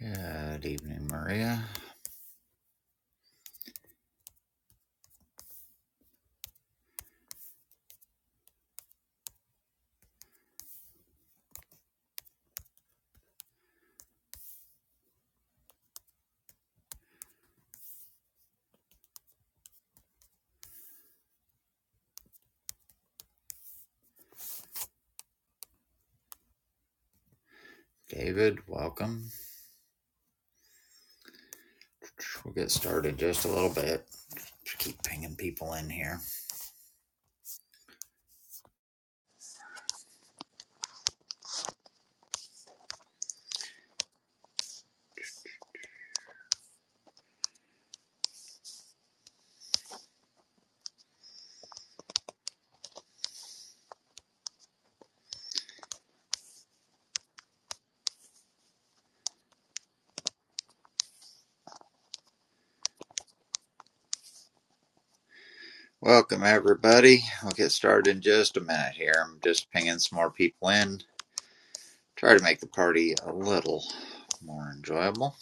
Good evening, Maria. David, welcome. We'll get started just a little bit. Keep pinging people in here. Welcome, everybody. We'll get started in just a minute here. I'm just pinging some more people in. Try to make the party a little more enjoyable.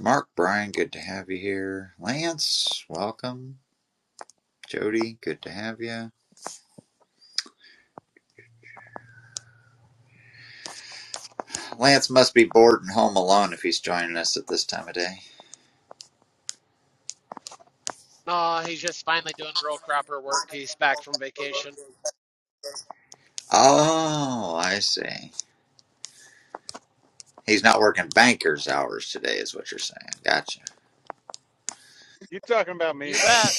Mark, Brian, good to have you here. Lance, welcome. Jody, good to have you. Lance must be bored and home alone if he's joining us at this time of day. No, he's just finally doing real cropper work. He's back from vacation. Oh, I see. He's not working banker's hours today, is what you're saying. Gotcha. You talking about You me? bet.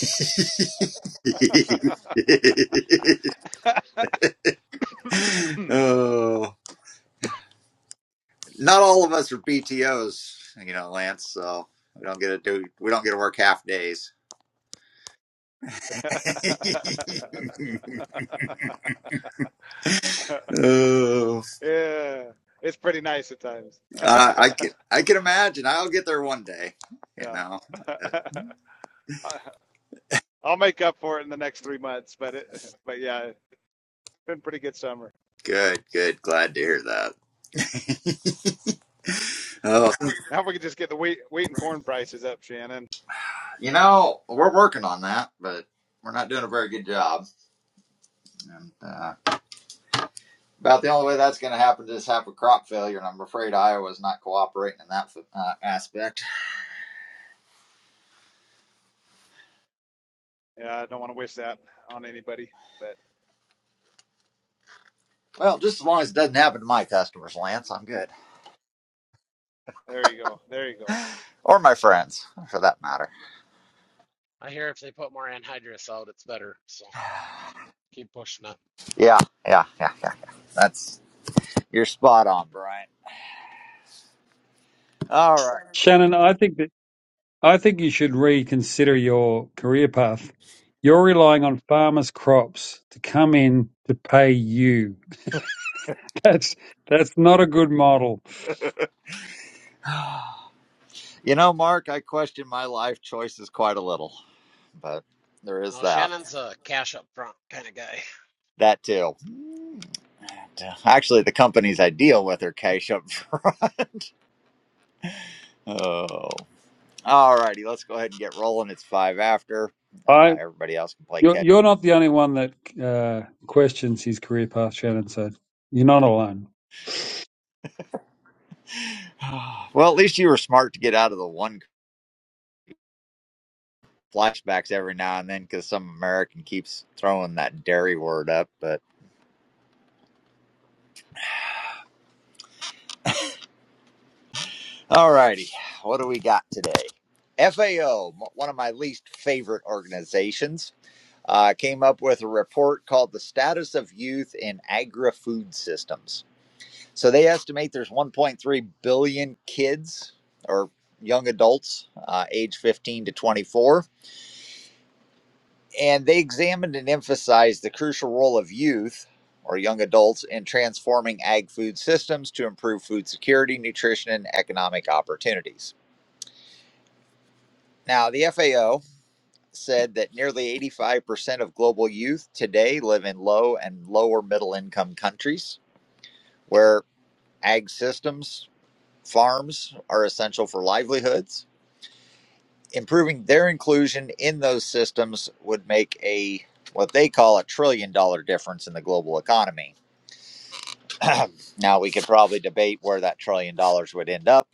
Hmm. oh, not all of us are BTOs, you know, Lance. So we don't get to do we don't get to work half days. oh, yeah, it's pretty nice at times. I, I can I can imagine. I'll get there one day. You yeah, know. Uh, I'll make up for it in the next three months. But it, but yeah, it's been a pretty good summer. Good, good. Glad to hear that. oh, Now we can just get the wheat, wheat and corn prices up, Shannon. you know, we're working on that, but we're not doing a very good job. About the only way that's going to happen is have a crop failure, and I'm afraid Iowa's not cooperating in that uh, aspect. Yeah, I don't want to wish that on anybody. But Well, just as long as it doesn't happen to my customers, Lance, I'm good, there you go. There you go. or my friends, for that matter. I hear if they put more anhydrous out, it's better. So keep pushing it. Yeah, yeah, yeah, yeah. yeah. That's you're spot on, Brian. All Shannon, I think that I think you should reconsider your career path. You're relying on farmers' crops to come in to pay you. That's that's not a good model. right. You know, Mark, I question my life choices quite a little, but there is Now that. Shannon's a cash up front kind of guy. That too. Actually, the companies I deal with are cash up front. Oh. All righty, let's go ahead and get rolling. It's five after. Uh, I everybody else can play you're catch. you're not the only one that uh, questions his career path, Shannon. So you're not alone. well, at least you were smart to get out of the one flashbacks every now and then because some American keeps throwing that dairy word up. But all righty, what do we got today? FAO, one of my least favorite organizations, uh, came up with a report called The Status of Youth in Agri Food Systems. So they estimate there's 1.3 billion kids or young adults uh, age 15 to 24. And they examined and emphasized the crucial role of youth or young adults in transforming ag food systems to improve food security, nutrition, and economic opportunities. Now, the FAO said that nearly 85% of global youth today live in low and lower middle income countries where ag systems, farms are essential for livelihoods improving their inclusion in those systems would make a what they call a trillion dollar difference in the global economy. now we could probably debate where that trillion dollars would end up.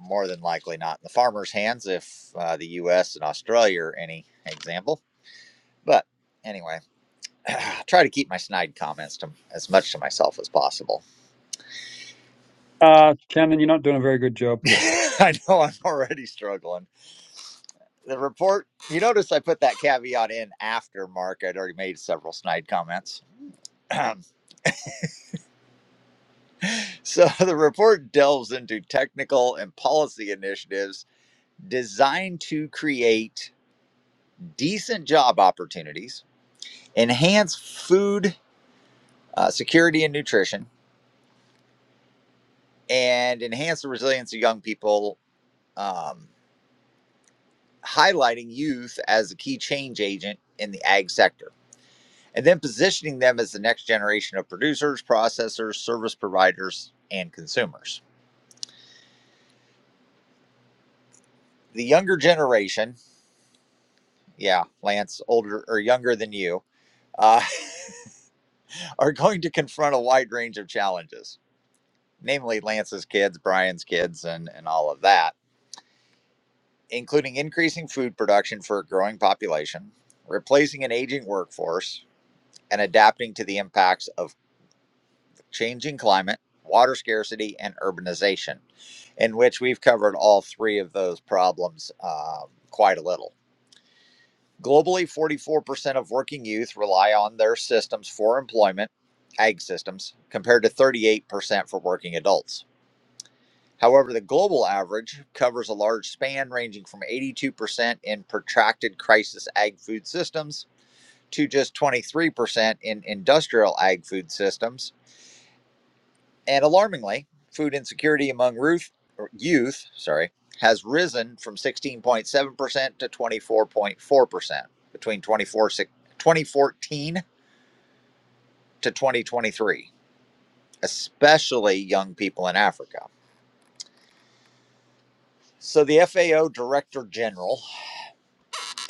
More than likely not in the farmers' hands if uh, the U.S. and Australia are any example. But anyway, try to keep my snide comments to, as much to myself as possible. Uh, Shannon, you're not doing a very good job. I know I'm already struggling. The report, you notice I put that caveat in after Mark. I'd already made several snide comments. So the report delves into technical and policy initiatives designed to create decent job opportunities, enhance food uh, security and nutrition, and enhance the resilience of young people, um, highlighting youth as a key change agent in the ag sector, and then positioning them as the next generation of producers, processors, service providers, and consumers. The younger generation, yeah, Lance, older or younger than you. Uh, are going to confront a wide range of challenges, namely Lance's kids, Brian's kids, and, and all of that, including increasing food production for a growing population, replacing an aging workforce, and adapting to the impacts of changing climate, water scarcity, and urbanization, in which we've covered all three of those problems um, quite a little. Globally, 44% of working youth rely on their systems for employment, ag systems, compared to 38% for working adults. However, the global average covers a large span ranging from 82% in protracted crisis ag food systems to just 23% in industrial ag food systems. And alarmingly, food insecurity among Ruth, or youth, sorry, has risen from 16.7% to 24.4% between 2014 to 2023, especially young people in Africa. So the FAO Director General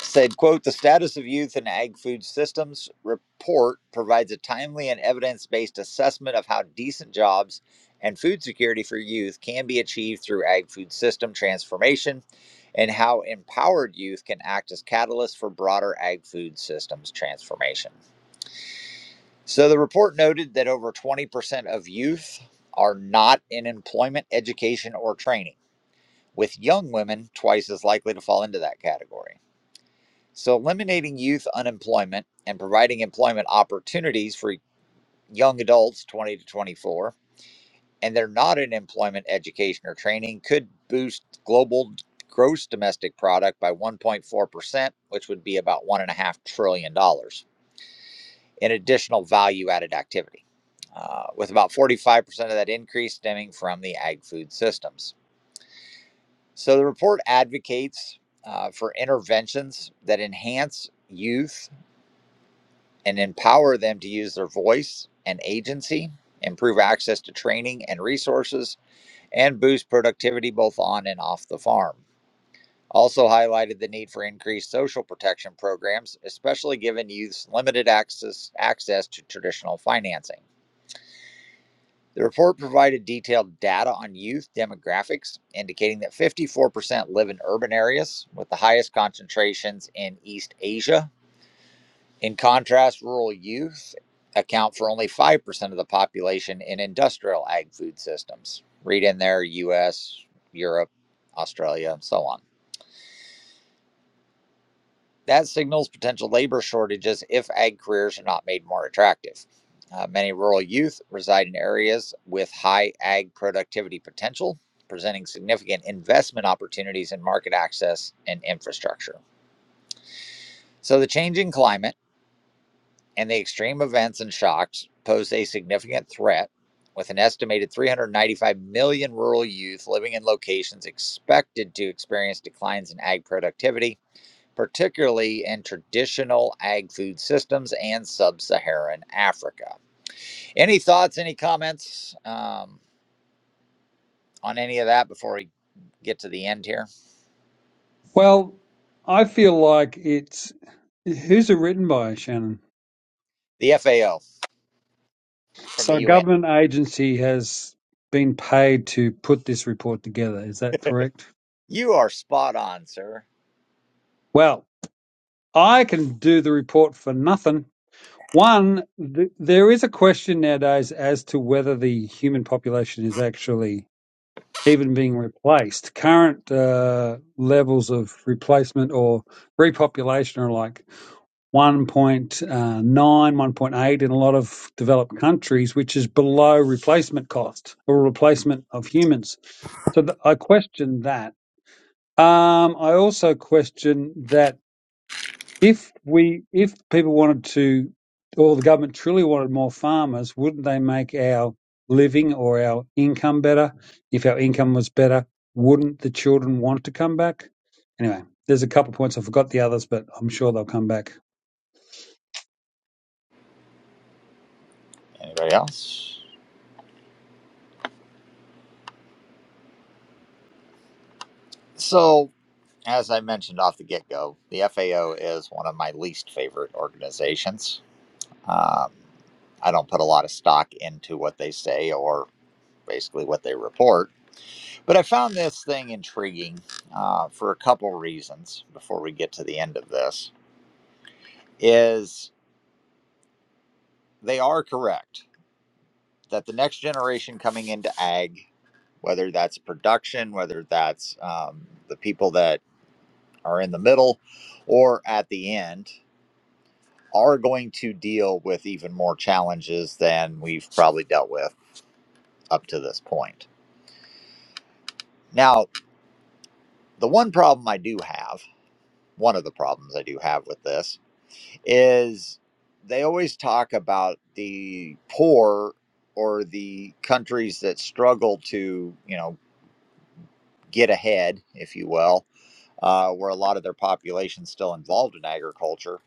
said, quote, the status of youth in ag food systems report provides a timely and evidence-based assessment of how decent jobs and food security for youth can be achieved through ag food system transformation and how empowered youth can act as catalysts for broader ag food systems transformation. So the report noted that over 20% of youth are not in employment, education, or training, with young women twice as likely to fall into that category. So, eliminating youth unemployment and providing employment opportunities for young adults 20 to 24, and they're not in employment, education, or training, could boost global gross domestic product by 1.4%, which would be about $1.5 trillion dollars in additional value added activity, uh, with about 45% of that increase stemming from the ag food systems. So, the report advocates uh, for interventions that enhance youth and empower them to use their voice and agency, improve access to training and resources, and boost productivity both on and off the farm. Also, highlighted the need for increased social protection programs, especially given youth's limited access, access to traditional financing. The report provided detailed data on youth demographics, indicating that 54% live in urban areas, with the highest concentrations in East Asia In contrast, rural youth account for only 5% of the population in industrial ag food systems. Read in there US, Europe, Australia, and so on. That signals potential labor shortages if ag careers are not made more attractive. Uh, many rural youth reside in areas with high ag productivity potential, presenting significant investment opportunities in market access and infrastructure. So, the changing climate and the extreme events and shocks pose a significant threat, with an estimated 395 million rural youth living in locations expected to experience declines in ag productivity, particularly in traditional ag food systems and sub Saharan Africa. Any thoughts, any comments um, on any of that before we get to the end here? Well, I feel like it's who's it written by, Shannon? The FAO from So the a UN. government agency has been paid to put this report together. Is that correct? You are spot on, sir. Well, I can do the report for nothing. One, th- there is a question nowadays as to whether the human population is actually even being replaced. Current uh, levels of replacement or repopulation are like 1.9, 1.8 in a lot of developed countries, which is below replacement cost or replacement of humans. So th- I question that. Um, I also question that If we, if people wanted to, or the government truly wanted more farmers, wouldn't they make our living or our income better? If our income was better, wouldn't the children want to come back? Anyway, there's a couple of points. I forgot the others, but I'm sure they'll come back. Anybody else? So as I mentioned off the get go, the FAO is one of my least favorite organizations. Um, I don't put a lot of stock into what they say or basically what they report, but I found this thing intriguing uh, for a couple reasons before we get to the end of this. Is they are correct that the next generation coming into ag, whether that's production, whether that's um, the people that are in the middle or at the end, are going to deal with even more challenges than we've probably dealt with up to this point. Now, the one problem I do have, one of the problems I do have with this, is they always talk about the poor or the countries that struggle to, you know, get ahead, if you will, uh, where a lot of their population is still involved in agriculture,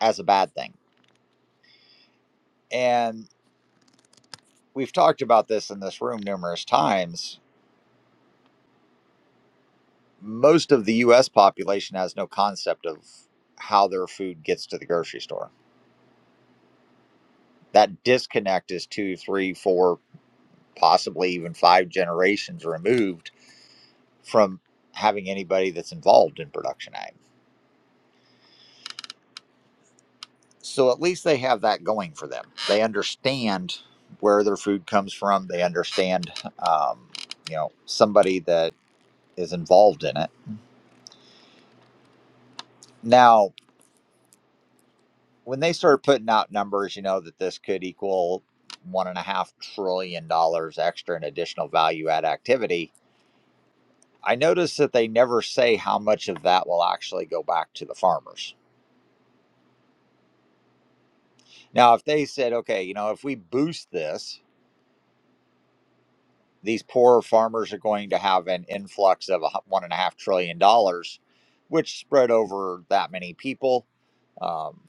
as a bad thing. And we've talked about this in this room numerous times most of the US population has no concept of how their food gets to the grocery store. That disconnect is two, three, four, possibly even five generations removed from having anybody that's involved in production ag. So at least they have that going for them. They understand where their food comes from. They understand, um, you know, somebody that is involved in it. Now, when they started putting out numbers, you know, that this could equal one and a half trillion dollars extra in additional value add activity, I noticed that they never say how much of that will actually go back to the farmers. Now, if they said, okay, you know, if we boost this, these poor farmers are going to have an influx of a hu- one and a half trillion dollars, which spread over that many people um,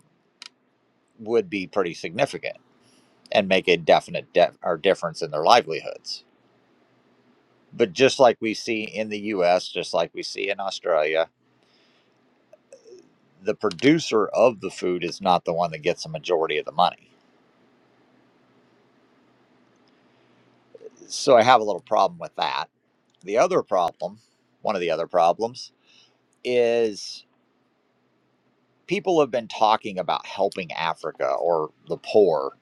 would be pretty significant and make a definite def- or difference in their livelihoods But just like we see in the US, just like we see in Australia, the producer of the food is not the one that gets a majority of the money. So I have a little problem with that. The other problem, one of the other problems, is people have been talking about helping Africa or the poor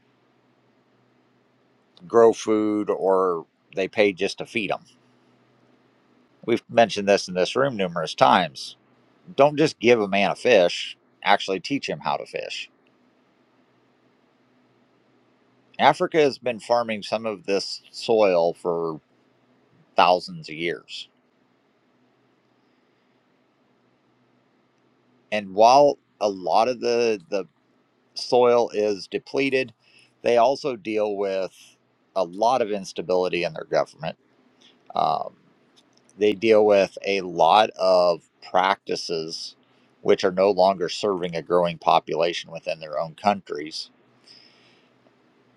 grow food or they pay just to feed them. We've mentioned this in this room numerous times. Don't just give a man a fish, actually teach him how to fish Africa has been farming some of this soil for thousands of years. And while a lot of the, the soil is depleted, they also deal with a lot of instability in their government. Um, they deal with a lot of practices which are no longer serving a growing population within their own countries.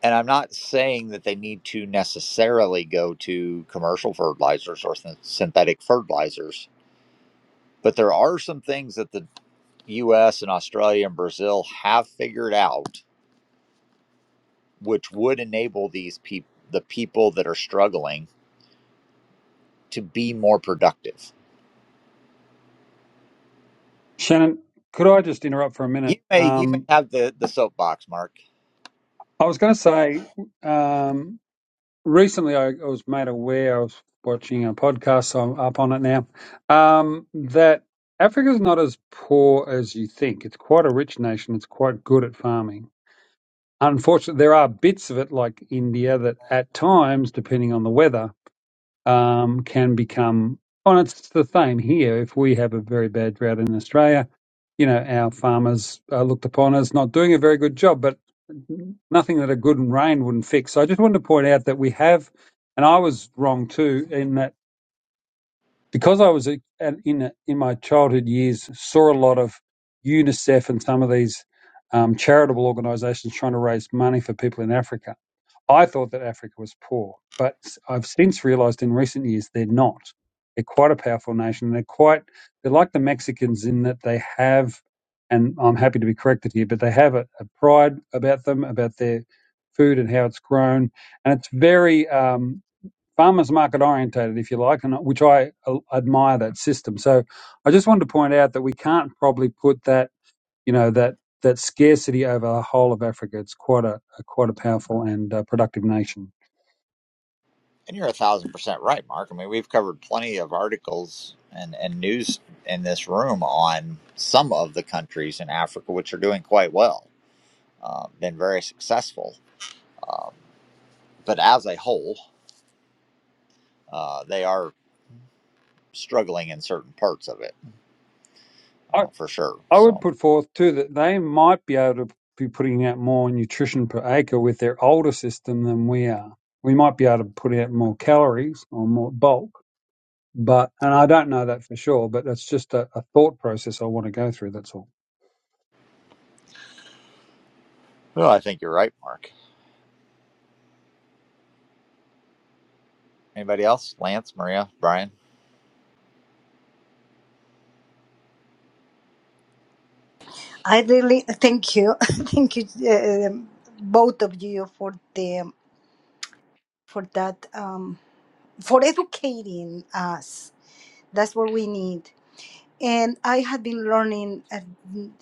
And I'm not saying that they need to necessarily go to commercial fertilizers or synthetic fertilizers But there are some things that the US and Australia and Brazil have figured out which would enable these people the people that are struggling to be more productive. Shannon, could I just interrupt for a You minute? may you may Um, have the, the soapbox, Mark. I was going to say, um, recently I, I was made aware, I was watching a podcast, so I'm up on it now, um, that Africa's not as poor as you think. It's quite a rich nation. It's quite good at farming. Unfortunately, there are bits of it, like India, that at times, depending on the weather, um, can become, and it's the same here. If we have a very bad drought in Australia, you know, our farmers are looked upon as not doing a very good job, but nothing that a good rain wouldn't fix. So I just wanted to point out that we have, and I was wrong too, in that because I was a- at- in in my childhood years saw a lot of UNICEF and some of these um, charitable organisations trying to raise money for people in Africa I thought that Africa was poor, but i I've since realized in recent years they're not. They're quite a powerful nation. They're quite, they're like the Mexicans in that they have, and I'm happy to be corrected here, but they have a, a pride about them, about their food and how it's grown. And it's very um, farmers market orientated, if you like, and uh, which I uh, admire that system. So I just wanted to point out that we can't probably put that you know that that scarcity over the whole of Africa. It's quite a, a quite a powerful and uh, productive nation. And you're a thousand percent right, Mark. I mean we've covered plenty of articles and, and news in this room on some of the countries in Africa which are doing quite well, uh, been very successful. Um, but as a whole, uh, they are struggling in certain parts of it I uh, for sure. I would So, put forth too that they might be able to be putting out more nutrition per acre with their older system than we are. We might be able to put out more calories or more bulk, but and I don't know that for sure. But that's just a, a thought process I want to go through. That's all. well, I think you're right, Mark. Anybody else? Lance, Maria, Brian? I really thank you, thank you, um both of you for the for that um, for educating us. That's what we need. And I have been learning, and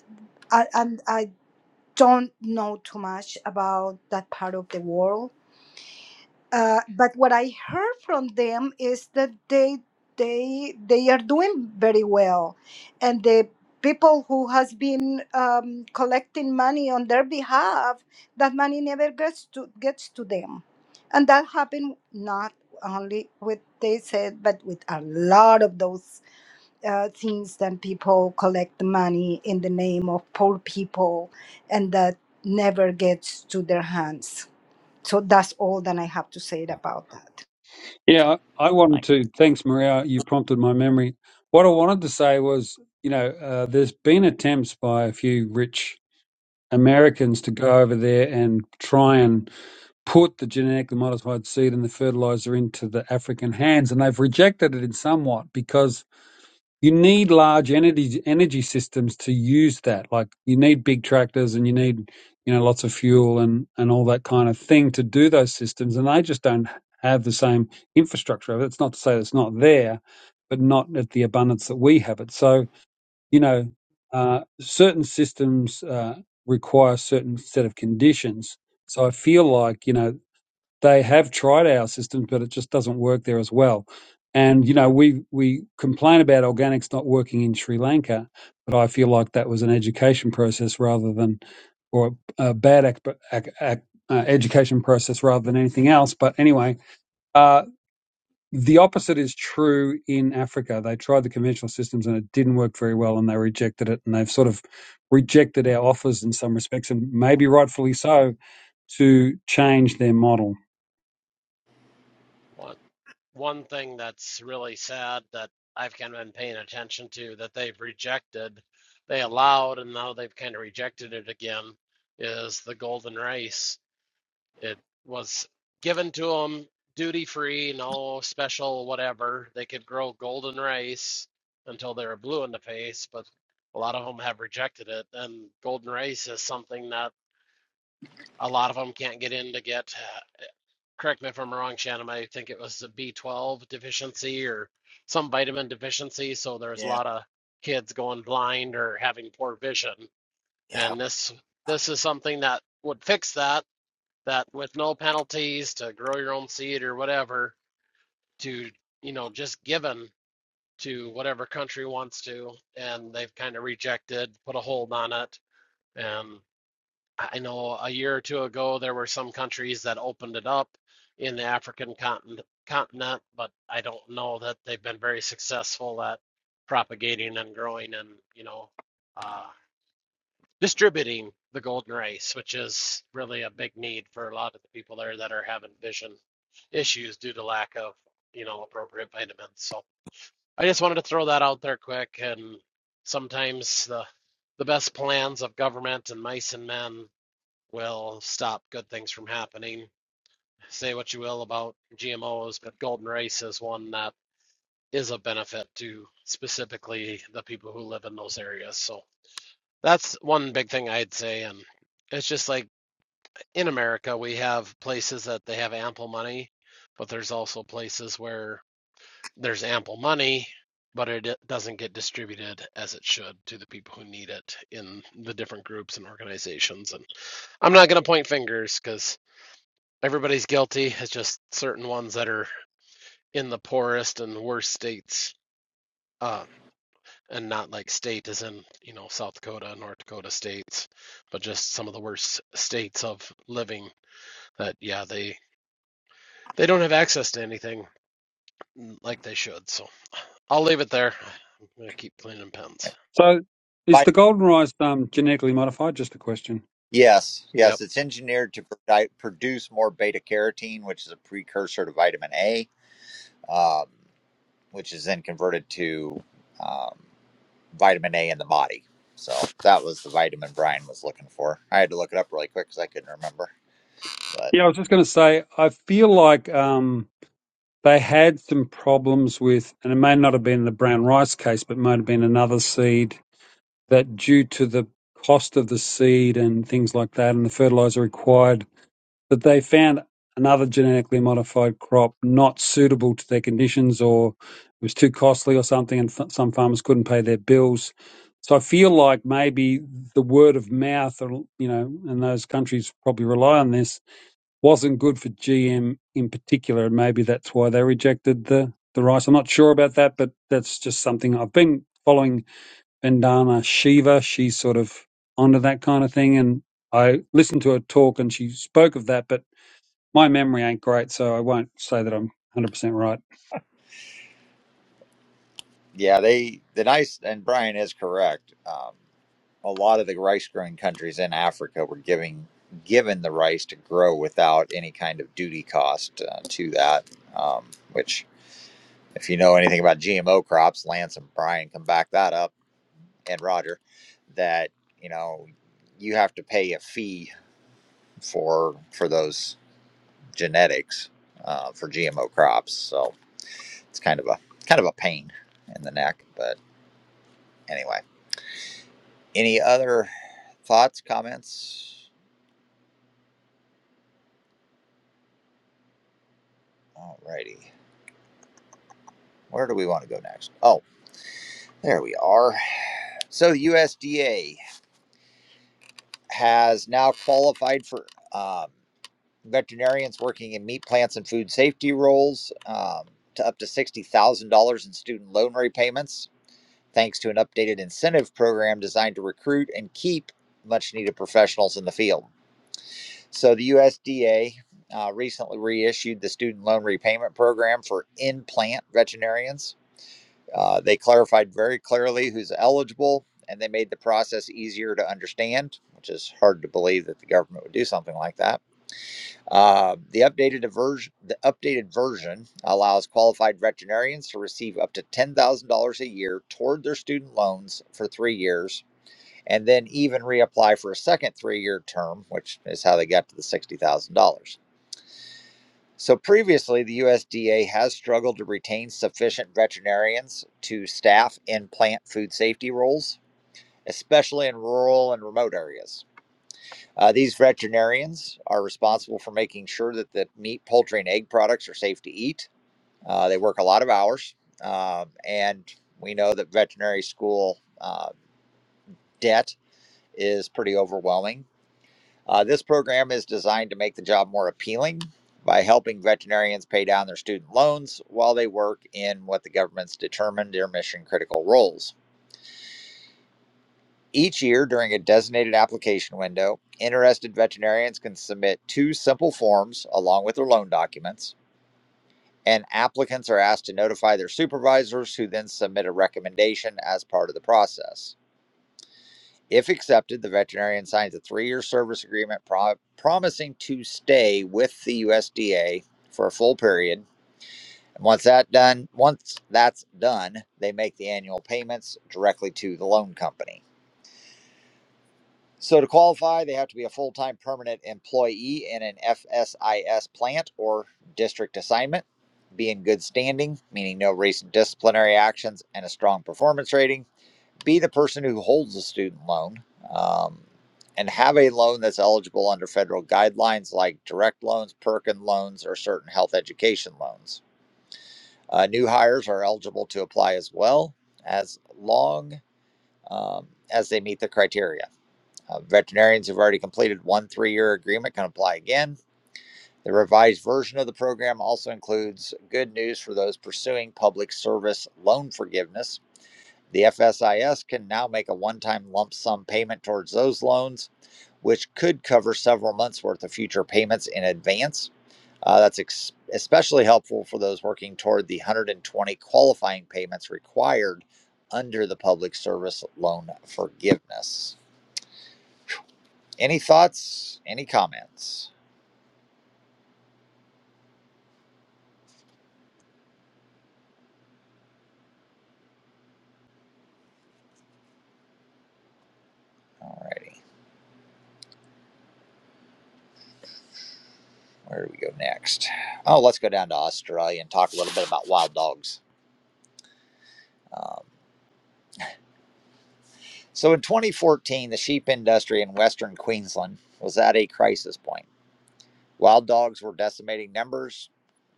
I, and I don't know too much about that part of the world Uh, but what I heard from them is that they they they are doing very well, and the people who has been um, collecting money on their behalf, that money never gets to gets to them, and that happened not only with they said, but with a lot of those uh, things that people collect money in the name of poor people, and that never gets to their hands so that's all that i have to say about that Yeah, I I wanted Thank to. Thanks, Maria. You prompted my memory. What I wanted to say was, you know, uh, there's been attempts by a few rich Americans to go over there and try and put the genetically modified seed and the fertilizer into the African hands, and they've rejected it in somewhat because you need large energy energy systems to use that. Like you need big tractors and you need you know lots of fuel and and all that kind of thing to do those systems, and they just don't have the same infrastructure. That's not to say it's not there, but not at the abundance that we have it. So you know, uh, certain systems uh, require a certain set of conditions. So I feel like, you know, they have tried our systems, but it just doesn't work there as well. And, you know, we, we complain about organics not working in Sri Lanka, but I feel like that was an education process rather than, or a bad ac ac ac uh, education process rather than anything else. But anyway, uh, the opposite is true in Africa. They tried the conventional systems and it didn't work very well and they rejected it. And they've sort of rejected our offers in some respects and maybe rightfully so to change their model. One one thing that's really sad that I've kind of been paying attention to that they've rejected, they allowed and now they've kind of rejected it again, is the golden rice. It was given to them duty free, no special whatever. They could grow golden rice until they were blue in the face, but a lot of them have rejected it. And golden rice is something that a lot of them can't get in to get. Correct me if I'm wrong, Shannon. I think it was the B12 deficiency or some vitamin deficiency. So there's you. a Yeah, lot of kids going blind or having poor vision. yeah. And this this is something that would fix that that with no penalties to grow your own seed or whatever, to, you know, just given to whatever country wants to. And they've kind of rejected, put a hold on it. And I know a year or two ago, there were some countries that opened it up in the African continent, but I don't know that they've been very successful at propagating and growing and, you know, uh, distributing the golden rice, which is really a big need for a lot of the people there that are having vision issues due to lack of, you know, appropriate vitamins. So I just wanted to throw that out there quick. And sometimes the the best plans of government and mice and men will stop good things from happening. Say what you will about GMOs, but golden rice is one that is a benefit to specifically the people who live in those areas. So that's one big thing I'd say. And it's just like in America, we have places that they have ample money, but there's also places where there's ample money, but it doesn't get distributed as it should to the people who need it in the different groups and organizations. And I'm not going to point fingers because everybody's guilty. It's just certain ones that are in the poorest and worst states. Uh, and not like state as in you know south dakota north dakota states but just some of the worst states of living that yeah they They don't have access to anything like they should, so I'll leave it there. I'm gonna keep cleaning pens. So is Vi- the golden rice um, genetically modified? Just a question. Yes, Yep. yes, it's engineered to produ- produce more beta carotene, which is a precursor to vitamin A, um, which is then converted to um, vitamin A in the body. So that was the vitamin Brian was looking for. I had to look it up really quick because I couldn't remember. But Yeah, I was just going to say, I feel like um, they had some problems with, and it may not have been the brown rice case, but might have been another seed that due to the cost of the seed and things like that and the fertilizer required that they found another genetically modified crop not suitable to their conditions or it was too costly or something and f- some farmers couldn't pay their bills so i feel like maybe the word of mouth or you know and those countries probably rely on this wasn't good for gm in particular and maybe that's why they rejected the the rice i'm not sure about that but that's just something i've been following vandana shiva she's sort of onto that kind of thing and i listened to her talk and she spoke of that but my memory ain't great, so I won't say that I'm 100% right. yeah, they the nice and Brian is correct. Um, a lot of the rice growing countries in Africa were giving given the rice to grow without any kind of duty cost uh, to that. Um, which, if you know anything about GMO crops, Lance and Brian can back that up, and Roger, that you know you have to pay a fee for for those genetics uh, for GMO crops. So it's kind of a kind of a pain in the neck. But anyway, any other thoughts, comments? Alrighty. Where do we want to go next? Oh, there we are. So the USDA has now qualified for um, veterinarians working in meat plants and food safety roles um, to up to $60,000 in student loan repayments, thanks to an updated incentive program designed to recruit and keep much needed professionals in the field. So the USDA uh, recently reissued the student loan repayment program for in plant veterinarians Uh, they clarified very clearly who's eligible, and they made the process easier to understand, which is hard to believe that the government would do something like that. Uh, the updated version, the updated version allows qualified veterinarians to receive up to ten thousand dollars a year toward their student loans for three years, and then even reapply for a second three-year term, which is how they got to the sixty thousand dollars. So previously, the USDA has struggled to retain sufficient veterinarians to staff in plant food safety roles, especially in rural and remote areas. Uh, these veterinarians are responsible for making sure that the meat, poultry, and egg products are safe to eat. Uh, they work a lot of hours, um, and we know that veterinary school uh, debt is pretty overwhelming Uh, this program is designed to make the job more appealing by helping veterinarians pay down their student loans while they work in what the government's determined their mission critical roles. Each year, during a designated application window, interested veterinarians can submit two simple forms along with their loan documents, and applicants are asked to notify their supervisors who then submit a recommendation as part of the process. If accepted, the veterinarian signs a three year service agreement pro- promising to stay with the USDA for a full period. And once that done, once that's done, they make the annual payments directly to the loan company. So to qualify, they have to be a full-time permanent employee in an FSIS plant or district assignment, be in good standing, meaning no recent disciplinary actions and a strong performance rating be the person who holds the student loan um, and have a loan that's eligible under federal guidelines like direct loans, Perkin loans, or certain health education loans. Uh, new hires are eligible to apply as well as long um, as they meet the criteria. Uh, veterinarians who've already completed one three year agreement can apply again. The revised version of the program also includes good news for those pursuing public service loan forgiveness the FSIS can now make a one time lump sum payment towards those loans, which could cover several months worth of future payments in advance. Uh, that's ex- especially helpful for those working toward the 120 qualifying payments required under the public service loan forgiveness. Any thoughts? Any comments? Alrighty, where do we go next? Oh, let's go down to Australia and talk a little bit about wild dogs. Um, So in 2014, the sheep industry in western Queensland was at a crisis point. Wild dogs were decimating numbers,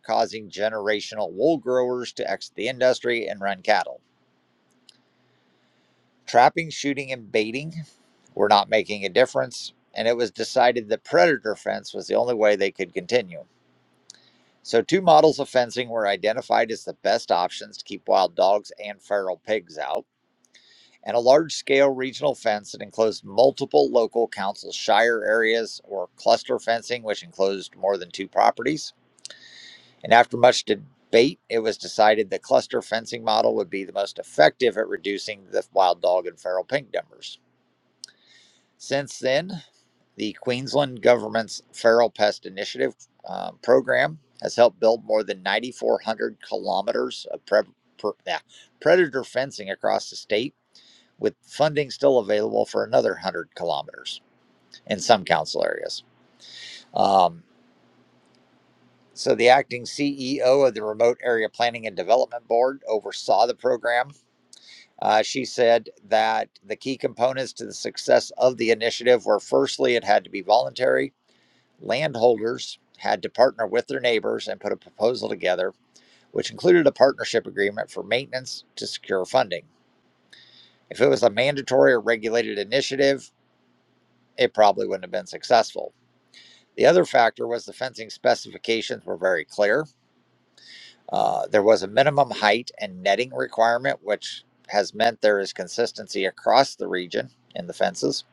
causing generational wool growers to exit the industry and run cattle. Trapping, shooting, and baiting were not making a difference, and it was decided that predator fence was the only way they could continue. So, two models of fencing were identified as the best options to keep wild dogs and feral pigs out. and a large scale regional fence that enclosed multiple local council shire areas or cluster fencing, which enclosed more than two properties. And after much debate, it was decided the cluster fencing model would be the most effective at reducing the wild dog and feral pig numbers. Since then, the Queensland government's Feral Pest Initiative um, program has helped build more than 9,400 kilometers of pre- pre- yeah, predator fencing across the state with funding still available for another 100 kilometers in some council areas. Um, so, the acting CEO of the Remote Area Planning and Development Board oversaw the program. Uh, she said that the key components to the success of the initiative were firstly, it had to be voluntary. Landholders had to partner with their neighbors and put a proposal together, which included a partnership agreement for maintenance to secure funding. If it was a mandatory or regulated initiative, it probably wouldn't have been successful. The other factor was the fencing specifications were very clear. Uh, there was a minimum height and netting requirement, which has meant there is consistency across the region in the fences.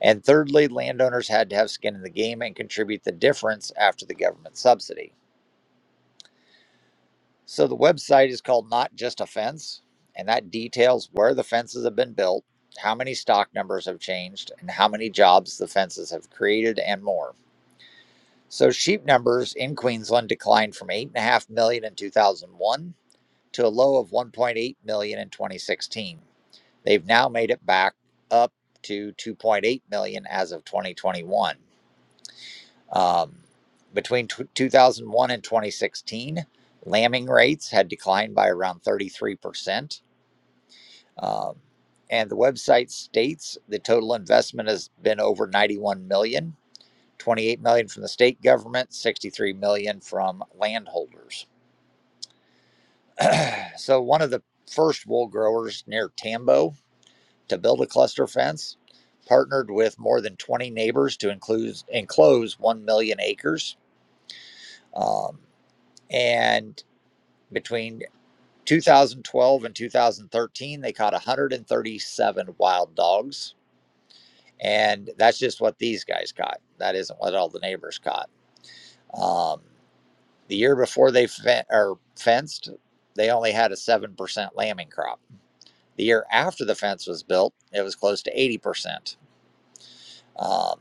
And thirdly, landowners had to have skin in the game and contribute the difference after the government subsidy. So the website is called Not Just a Fence, and that details where the fences have been built, how many stock numbers have changed, and how many jobs the fences have created, and more. So sheep numbers in Queensland declined from 8.5 million in 2001 to a low of 1.8 million in 2016. They've now made it back up to 2.8 million as of 2021. Um, between tw 2001 and 2016, lambing rates had declined by around 33%. Um, and the website states the total investment has been over 91 million dollars 28 million dollars from the state government, 63 million dollars from landholders. so one of the first wool growers near Tambo to build a cluster fence partnered with more than 20 neighbors to include enclose 1 million acres. Um, and between 2012 and 2013, they caught 137 wild dogs. And that's just what these guys caught. That isn't what all the neighbors caught. Um, The year before they fen- or fenced, they only had a 7% lambing crop. The year after the fence was built, it was close to 80%. Um,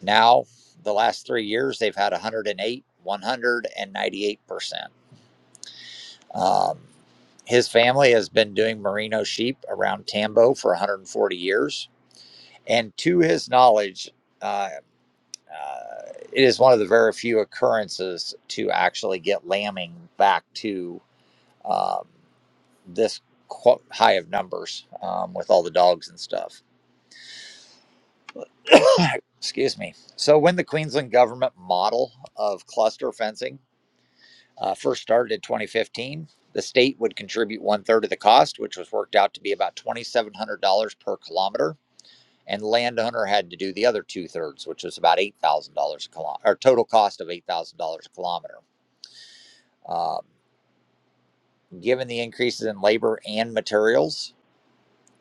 now, the last three years, they've had 108, 198%. Um, his family has been doing merino sheep around Tambo for 140 years. And to his knowledge, uh, uh, it is one of the very few occurrences to actually get lambing back to um, this high of numbers um, with all the dogs and stuff. Excuse me. So, when the Queensland government model of cluster fencing uh, first started in 2015, the state would contribute one third of the cost, which was worked out to be about $2,700 per kilometer. And landowner had to do the other two thirds, which was about $8,000 a kilometer, or total cost of $8,000 a kilometer. Um, given the increases in labor and materials,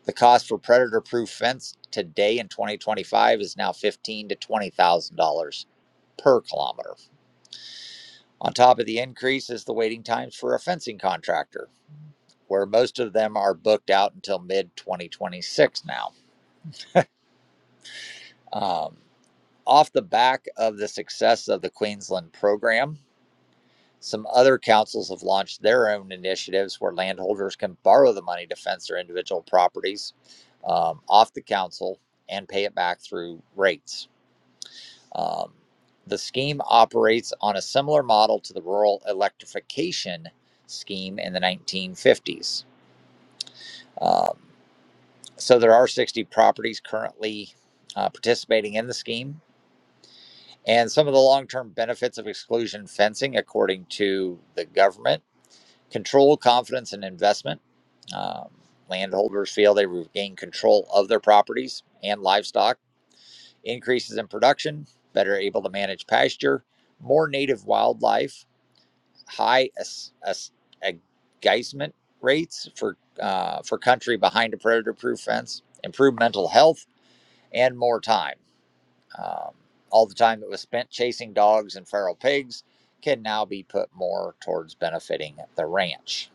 The cost for predator-proof fence today in 2025 is now fifteen thousand to twenty thousand dollars per kilometer. On top of the increase is the waiting times for a fencing contractor, where most of them are booked out until mid 2026 now. Um, off the back of the success of the Queensland program, some other councils have launched their own initiatives where landholders can borrow the money to fence their individual properties um, off the council and pay it back through rates. Um, the scheme operates on a similar model to the rural electrification scheme in the 1950s. Um, so there are 60 properties currently uh, participating in the scheme. And some of the long term benefits of exclusion fencing, according to the government, control, confidence, and investment. Um, landholders feel they regain control of their properties and livestock, increases in production, better able to manage pasture, more native wildlife, high as, as, agizement rates for uh, for country behind a predator-proof fence, improved mental health, and more time. Um, all the time that was spent chasing dogs and feral pigs can now be put more towards benefiting the ranch.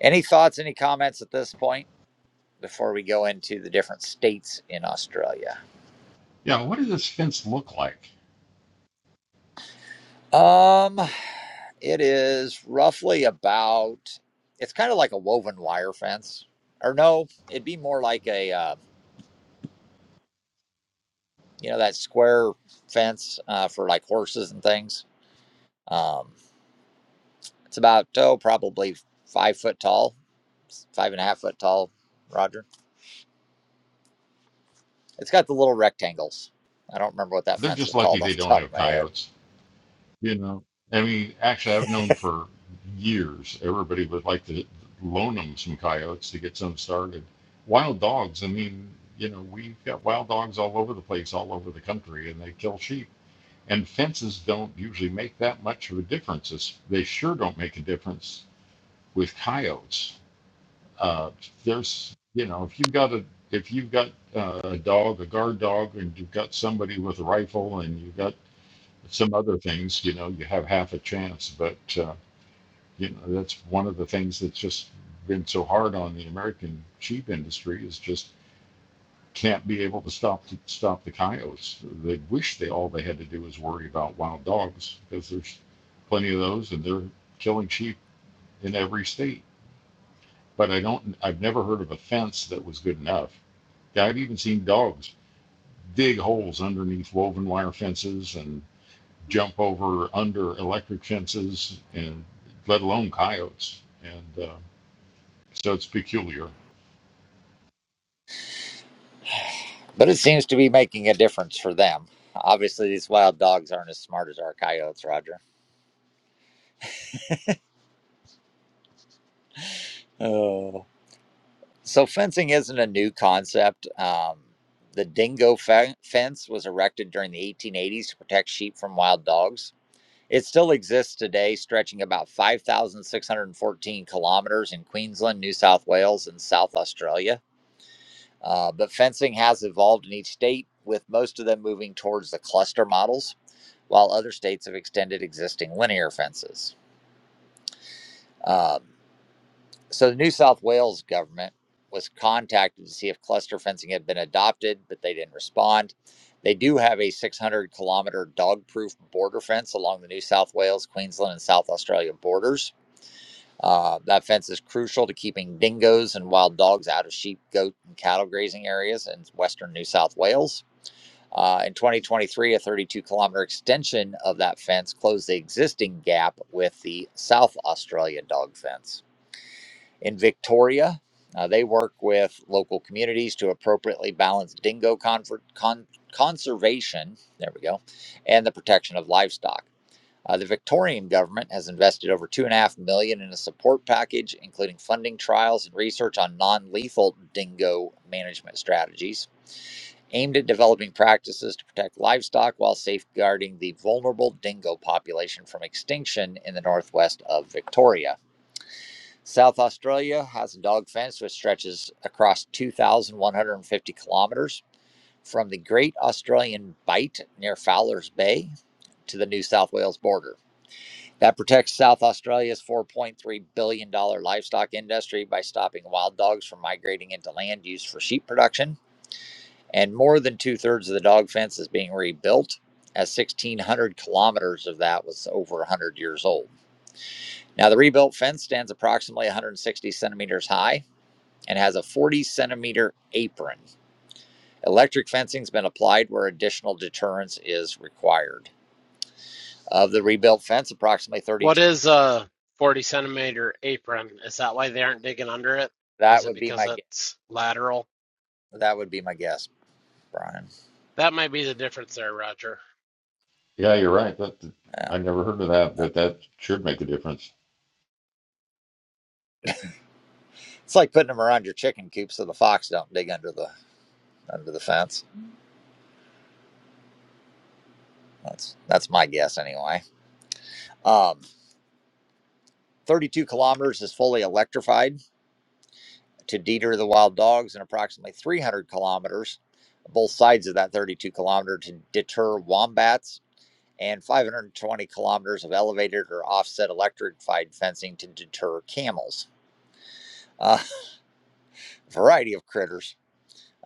Any thoughts? Any comments at this point before we go into the different states in Australia? Yeah, what does this fence look like? Um, it is roughly about. It's kind of like a woven wire fence, or no, it'd be more like a uh, you know that square fence uh, for like horses and things. Um, it's about oh probably five foot tall, five and a half foot tall. Roger, it's got the little rectangles. I don't remember what that They're fence just is lucky called they off the don't top of have my head, coyotes, you know. I mean, actually, I've known for years everybody would like to loan them some coyotes to get some started. Wild dogs, I mean, you know, we've got wild dogs all over the place, all over the country, and they kill sheep. And fences don't usually make that much of a difference. It's- They sure don't make a difference with coyotes. Uh, there's, you know, if you've got a if you've got uh, a dog, a guard dog, and you've got somebody with a rifle, and you've got some other things, you know, you have half a chance. But uh, you know, that's one of the things that's just been so hard on the American sheep industry is just can't be able to stop to stop the coyotes. They wish they all they had to do was worry about wild dogs because there's plenty of those, and they're killing sheep in every state. But I don't. I've never heard of a fence that was good enough. Yeah, I've even seen dogs dig holes underneath woven wire fences and jump over under electric fences, and let alone coyotes. And uh, so it's peculiar. but it seems to be making a difference for them. Obviously, these wild dogs aren't as smart as our coyotes, Roger. Oh. So fencing isn't a new concept. Um, the dingo fe- fence was erected during the 1880s to protect sheep from wild dogs. It still exists today, stretching about 5,614 kilometers in Queensland, New South Wales, and South Australia. Uh, but fencing has evolved in each state, with most of them moving towards the cluster models, while other states have extended existing linear fences. Um, So the New South Wales government was contacted to see if cluster fencing had been adopted, but they didn't respond. They do have a 600 kilometer dog proof border fence along the New South Wales, Queensland, and South Australia borders. Uh, that fence is crucial to keeping dingoes and wild dogs out of sheep, goat, and cattle grazing areas in western New South Wales. Uh, in 2023, a 32 kilometer extension of that fence closed the existing gap with the South Australia dog fence in Victoria. Uh, they work with local communities to appropriately balance dingo conver- con- conservation, there we go, and the protection of livestock. Uh, the Victorian government has invested over two and a half million in a support package, including funding trials and research on non-lethal dingo management strategies aimed at developing practices to protect livestock while safeguarding the vulnerable dingo population from extinction in the northwest of Victoria. South Australia has a dog fence which stretches across 2,150 kilometers from the Great Australian Bight near Fowler's Bay to the New South Wales border. That protects South Australia's $4.3 billion dollars livestock industry by stopping wild dogs from migrating into land used for sheep production. And more than two thirds of the dog fence is being rebuilt, as 1,600 kilometers of that was over 100 years old. Now, the rebuilt fence stands approximately 160 centimeters high and has a 40 centimeter apron. Electric fencing's been applied where additional deterrence is required. Of the rebuilt fence, approximately What 32. is a 40 centimeter apron? Is that why they aren't digging under it? That Is it would be because my it's lateral? that would be my guess, Brian. That might be the difference there, Roger. Yeah, you're right. That Yeah. I never heard of that, but that should make a difference. It's like putting them around your chicken coop so the fox don't dig under the under the fence. That's that's my guess anyway. Um, 32 kilometers is fully electrified to deter the wild dogs, and approximately 300 kilometers, both sides of that 32 kilometer, to deter wombats and 520 kilometers of elevated or offset electrified fencing to deter camels. Uh, a variety of critters.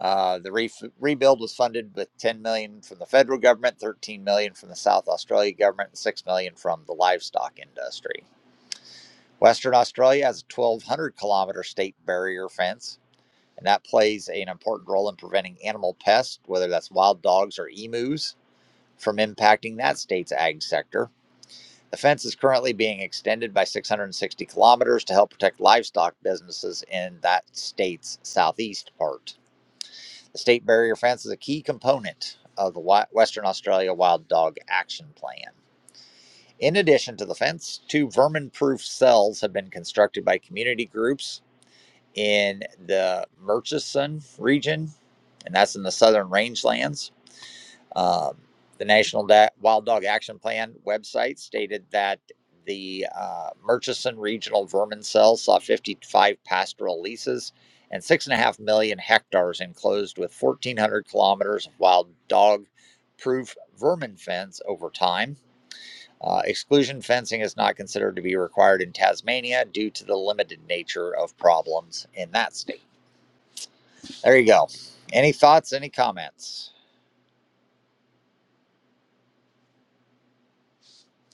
Uh, the re- rebuild was funded with 10 million dollars from the federal government, 13 million dollars from the South Australia government, and 6 million dollars from the livestock industry. Western Australia has a 1,200 kilometer state barrier fence, and that plays an important role in preventing animal pests, whether that's wild dogs or emus, from impacting that state's ag sector. The fence is currently being extended by 660 kilometers to help protect livestock businesses in that state's southeast part. The state barrier fence is a key component of the Western Australia Wild Dog Action Plan. In addition to the fence, two vermin proof cells have been constructed by community groups in the Murchison region, and that's in the southern rangelands. Um, the National da- Wild Dog Action Plan website stated that the uh, Murchison Regional Vermin Cell saw 55 pastoral leases and six and a half million hectares enclosed with 1,400 kilometers of wild dog proof vermin fence over time. Uh, exclusion fencing is not considered to be required in Tasmania due to the limited nature of problems in that state. There you go. Any thoughts, any comments?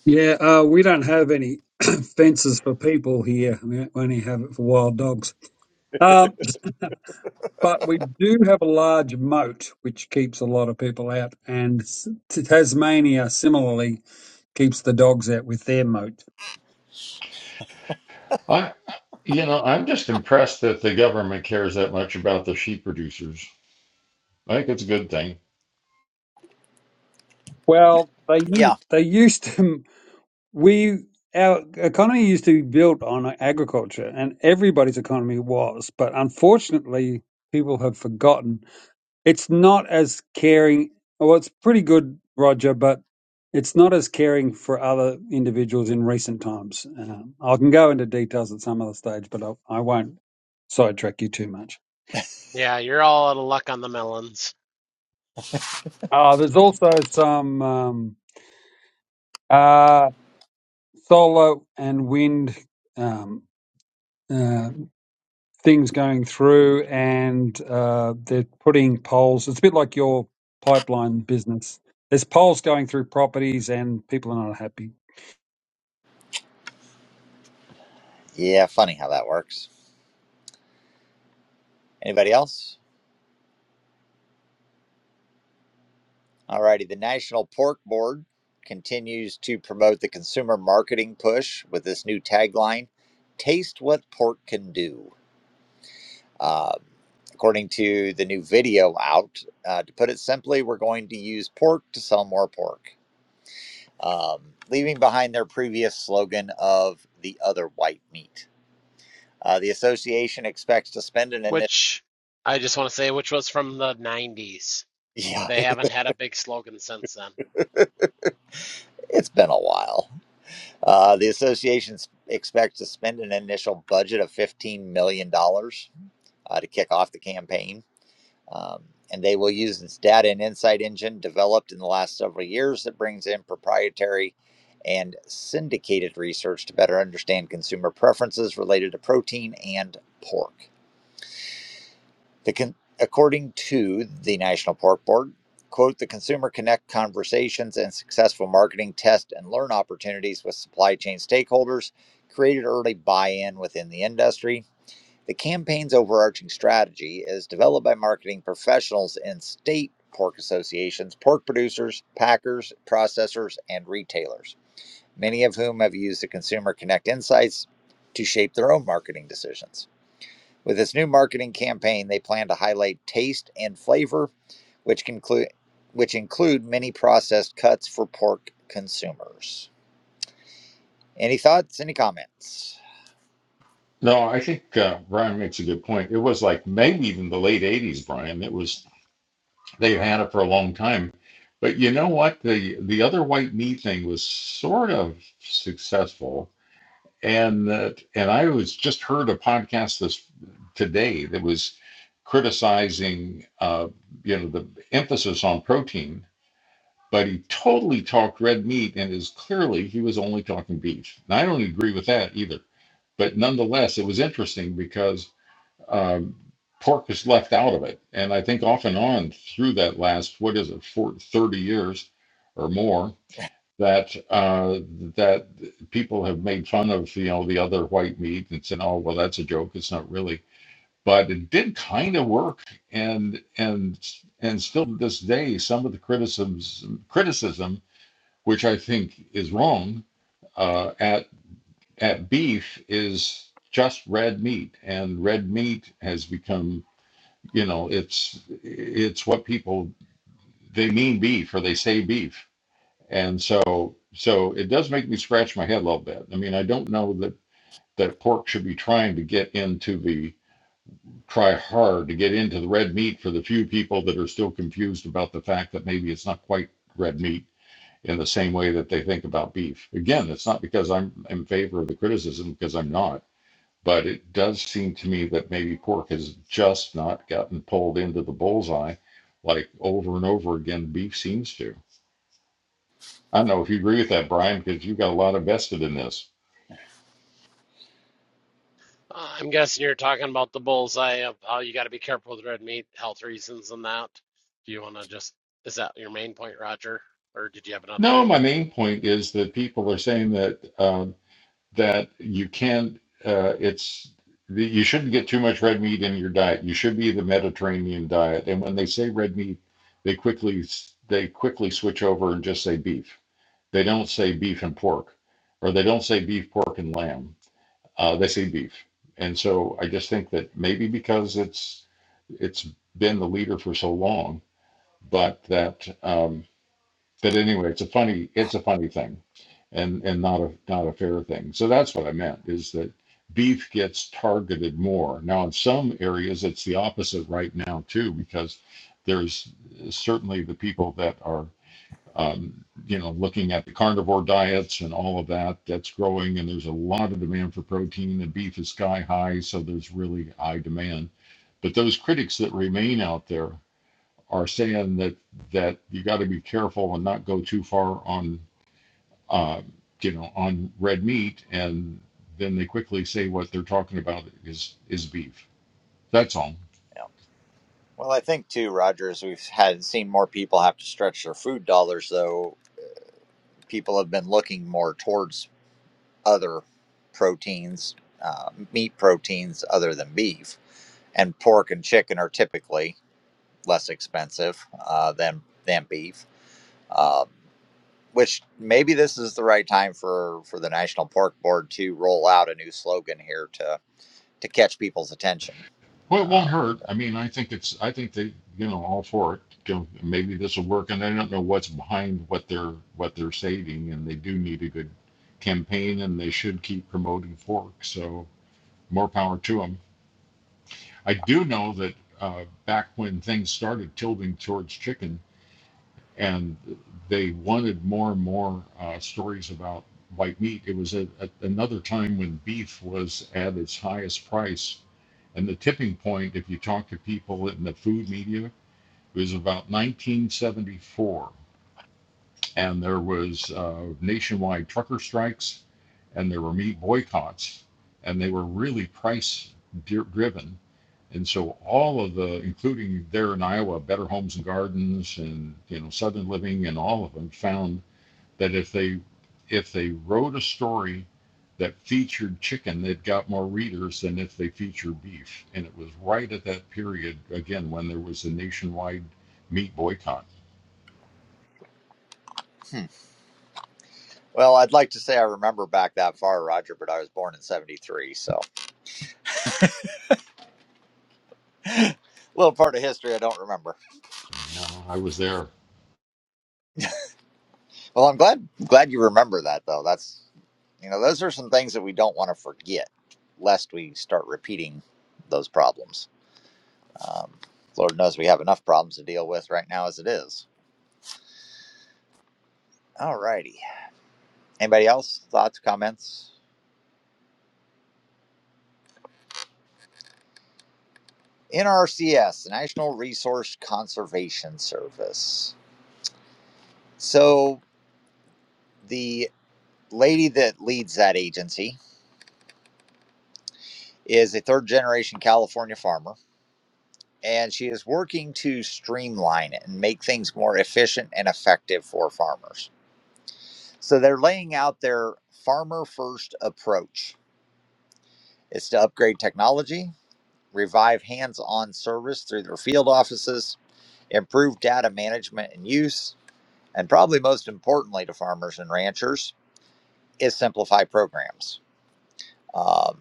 Yeah, uh, we don't have any fences for people here. We only have it for wild dogs. Um, but we do have a large moat, which keeps a lot of people out. And S- Tasmania, similarly, keeps the dogs out with their moat. I, you know, I'm just impressed that the government cares that much about the sheep producers. I think it's a good thing. Well, they Yeah. u- they used to we our economy used to be built on agriculture, and everybody's economy was. But unfortunately, people have forgotten it's not as caring. Well, it's pretty good, Roger, but it's not as caring for other individuals in recent times. Um, I can go into details at some other stage, but I, I won't sidetrack you too much. Yeah, you're all out of luck on the melons, Uh, there's also some um, uh, solar and wind um, uh, things going through, and uh, they're putting poles. It's a bit like your pipeline business. There's poles going through properties, and people are not happy. Yeah, funny how that works. Anybody else? Alrighty, the National Pork Board continues to promote the consumer marketing push with this new tagline: "Taste what pork can do." Um, according to the new video out, uh, to put it simply, we're going to use pork to sell more pork, um, leaving behind their previous slogan of "the other white meat." Uh, the association expects to spend an initial. which I just want to say, which was from the 90s. Yeah, They haven't had a big slogan since then. it's been a while. Uh, the association s- expects to spend an initial budget of $15 million dollars uh, to kick off the campaign. Um, and they will use its data and insight engine developed in the last several years that brings in proprietary and syndicated research to better understand consumer preferences related to protein and pork. The con- according to the National Park Board, quote, the Consumer Connect conversations and successful marketing test and learn opportunities with supply chain stakeholders created early buy-in within the industry. The campaign's overarching strategy is developed by marketing professionals in state pork associations, pork producers, packers, processors, and retailers, many of whom have used the Consumer Connect insights to shape their own marketing decisions. With this new marketing campaign, they plan to highlight taste and flavor, which conclude which include many processed cuts for pork consumers. Any thoughts? Any comments? No, I think uh, Brian makes a good point. It was like maybe even the late '80s, Brian. It was They've had it for a long time. But you know what? The the other white meat thing was sort of successful, and that and I was just heard a podcast this today that was criticizing uh, you know the emphasis on protein, but he totally talked red meat and is clearly he was only talking beef. And I don't agree with that either. But nonetheless, it was interesting because um, pork is left out of it. And I think off and on through that last, what is it, for 30 years or more, that uh, that people have made fun of, you know, the other white meat and said, oh, well, that's a joke. It's not really. But it did kind of work, and and and still to this day, some of the criticisms criticism, which I think is wrong, uh, at at beef is just red meat, and red meat has become you know, it's, it's what people, they mean beef or they say beef. And so, so it does make me scratch my head a little bit. I mean, I don't know that, that pork should be trying to get into the, try hard to get into the red meat for the few people that are still confused about the fact that maybe it's not quite red meat in the same way that they think about beef. Again, it's not because I'm in favor of the criticism, because I'm not. But it does seem to me that maybe pork has just not gotten pulled into the bullseye like over and over again beef seems to. I don't know if you agree with that, Brian, because you've got a lot invested in this. Uh, I'm guessing you're talking about the bullseye of how you got to be careful with red meat, health reasons, and that. Do you want to just, is that your main point, Roger? Or did you have another No, one? my main point is that people are saying that um, that you can't. Uh, it's that you shouldn't get too much red meat in your diet. You should be the Mediterranean diet. And when they say red meat, they quickly they quickly switch over and just say beef. They don't say beef and pork, or they don't say beef, pork, and lamb. Uh, they say beef. And so I just think that maybe because it's it's been the leader for so long, but that um, but anyway, it's a funny it's a funny thing, and and not a not a fair thing. So that's what I meant is that beef gets targeted more now. In some areas, it's the opposite right now too, because there's certainly the people that are um, you know, looking at the carnivore diets and all of that, that's growing, and there's a lot of demand for protein, and beef is sky high, so there's really high demand. But those critics that remain out there are saying that that you got to be careful and not go too far on, uh, you know, on red meat, and then they quickly say what they're talking about is is beef. That's all. Yeah. Well, I think too, Rogers, we've had seen more people have to stretch their food dollars, though. People have been looking more towards other proteins, uh, meat proteins other than beef, and pork and chicken are typically. less expensive uh, than than beef. Um, which maybe this is the right time for for the National Pork Board to roll out a new slogan here to to catch people's attention. Well, it won't Uh, hurt. I mean, I think it's, I think they, you know, all for it. You know, Maybe this will work, and I don't know what's behind what they're what they're saving. and they do need a good campaign, and they should keep promoting Fork. So more power to them. I do know that uh, back when things started tilting towards chicken, and they wanted more and more uh, stories about white meat. It was at, at another time when beef was at its highest price, and the tipping point, if you talk to people in the food media, was about 1974 and there was uh, nationwide trucker strikes, and there were meat boycotts, and they were really price driven. And so all of the, including there in Iowa, Better Homes and Gardens, and you know Southern Living, and all of them found that if they if they wrote a story that featured chicken, it got more readers than if they featured beef. And it was right at that period again when there was a nationwide meat boycott. hmm. Well, I'd like to say I remember back that far, Roger, but I was born in '73, so a little part of history I don't remember. You know, I was there Well, I'm glad glad you remember that though. That's you know those are some things that we don't want to forget, lest we start repeating those problems. Um, Lord knows we have enough problems to deal with right now as it is. All righty. Anybody else? Thoughts, comments? NRCS, the National Resource Conservation Service. So the lady that leads that agency is a third generation California farmer, and she is working to streamline it and make things more efficient and effective for farmers. So they're laying out their farmer first approach. It's to upgrade technology, revive hands on service through their field offices, improve data management and use, and probably most importantly to farmers and ranchers is simplify programs. Um,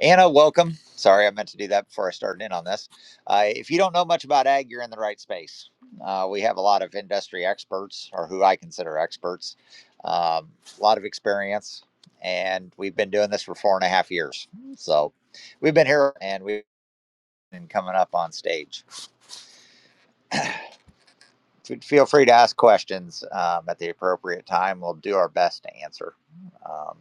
Anna, welcome. Sorry, I meant to do that before I started in on this. Uh, if you don't know much about ag, you're in the right space. Uh, we have a lot of industry experts, or who I consider experts, um, a lot of experience, and we've been doing this for four and a half years. So we've been here and we've been coming up on stage. Feel free to ask questions um, at the appropriate time. We'll do our best to answer. Um,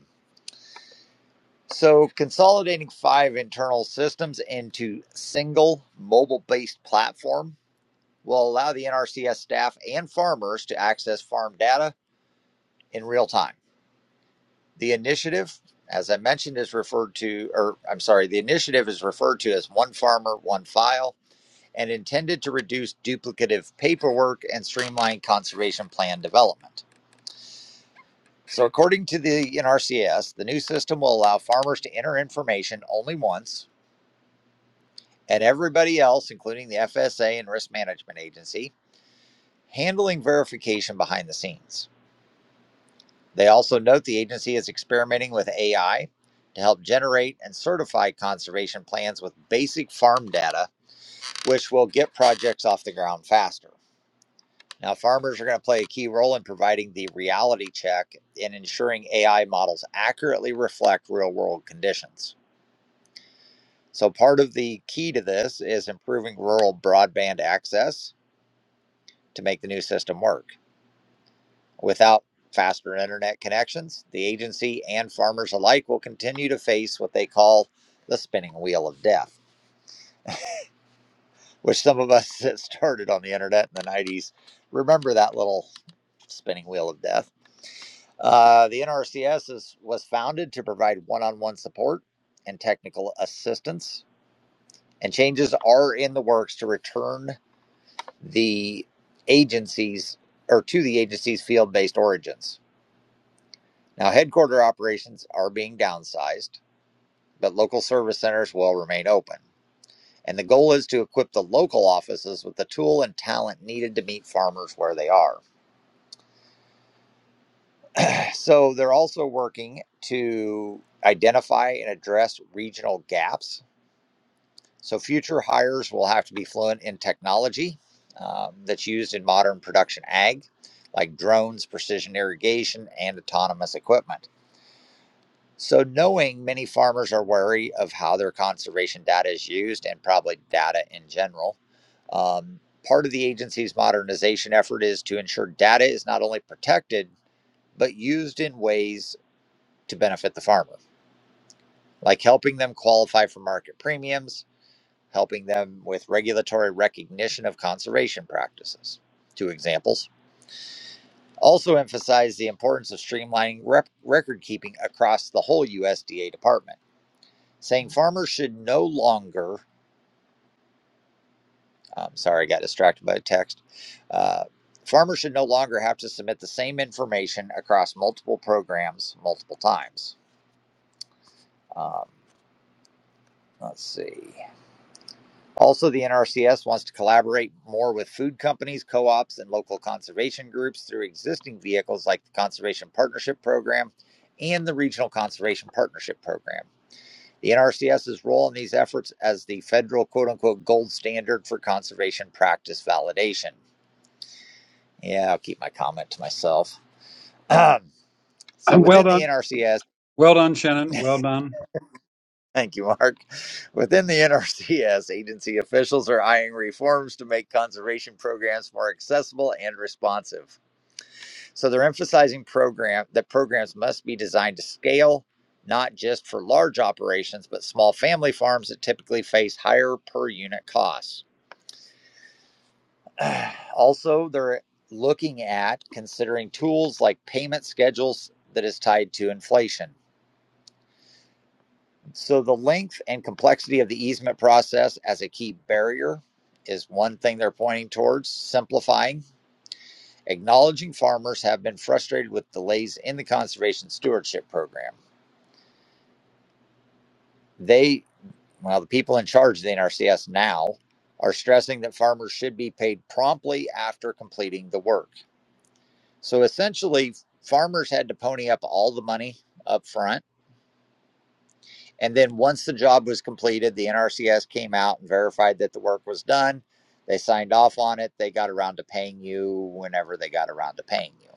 so, consolidating five internal systems into single mobile-based platform will allow the NRCS staff and farmers to access farm data in real time. The initiative, as I mentioned, is referred to, or I'm sorry, the initiative is referred to as One Farmer, One File, and intended to reduce duplicative paperwork and streamline conservation plan development. So, according to the NRCS, the new system will allow farmers to enter information only once, and everybody else, including the FSA and Risk Management Agency, handling verification behind the scenes. They also note the agency is experimenting with AI to help generate and certify conservation plans with basic farm data, which will get projects off the ground faster. Now, farmers are going to play a key role in providing the reality check and ensuring AI models accurately reflect real world conditions. So, part of the key to this is improving rural broadband access to make the new system work. Without faster internet connections, the agency and farmers alike will continue to face what they call the spinning wheel of death, which some of us that started on the internet in the 90s remember that little spinning wheel of death. Uh, the NRCS is, was founded to provide one on one support and technical assistance, and changes are in the works to return the agencies or to the agency's field based origins. Now, headquarter operations are being downsized, but local service centers will remain open. And the goal is to equip the local offices with the tool and talent needed to meet farmers where they are. So, they're also working to identify and address regional gaps So future hires will have to be fluent in technology um, that's used in modern production ag, like drones, precision irrigation, and autonomous equipment. So knowing many farmers are wary of how their conservation data is used and probably data in general. Um, part of the agency's modernization effort is to ensure data is not only protected, but used in ways to benefit the farmer, like helping them qualify for market premiums, helping them with regulatory recognition of conservation practices. Two examples. Also emphasized the importance of streamlining rep- record keeping across the whole USDA department, saying farmers should no longer, I'm sorry, I got distracted by a text. Uh, farmers should no longer have to submit the same information across multiple programs multiple times. Um, let's see. Also, the NRCS wants to collaborate more with food companies, co ops, and local conservation groups through existing vehicles like the Conservation Partnership Program and the Regional Conservation Partnership Program. The NRCS's role in these efforts as the federal quote unquote gold standard for conservation practice validation. Yeah, I'll keep my comment to myself. so, And well within the done NRCS, Well done, Shannon. Well done. Thank you, Mark. Within the NRCS, agency officials are eyeing reforms to make conservation programs more accessible and responsive. So they're emphasizing program that programs must be designed to scale, not just for large operations, but small family farms that typically face higher per unit costs. Also, they're looking at considering tools like payment schedules that is tied to inflation. So the length and complexity of the easement process as a key barrier is one thing they're pointing towards, simplifying, acknowledging farmers have been frustrated with delays in the conservation stewardship program. They, well, the people in charge of the NRCS now are stressing that farmers should be paid promptly after completing the work. So essentially, farmers had to pony up all the money up front And then once the job was completed, the NRCS came out and verified that the work was done. They signed off on it. They got around to paying you whenever they got around to paying you.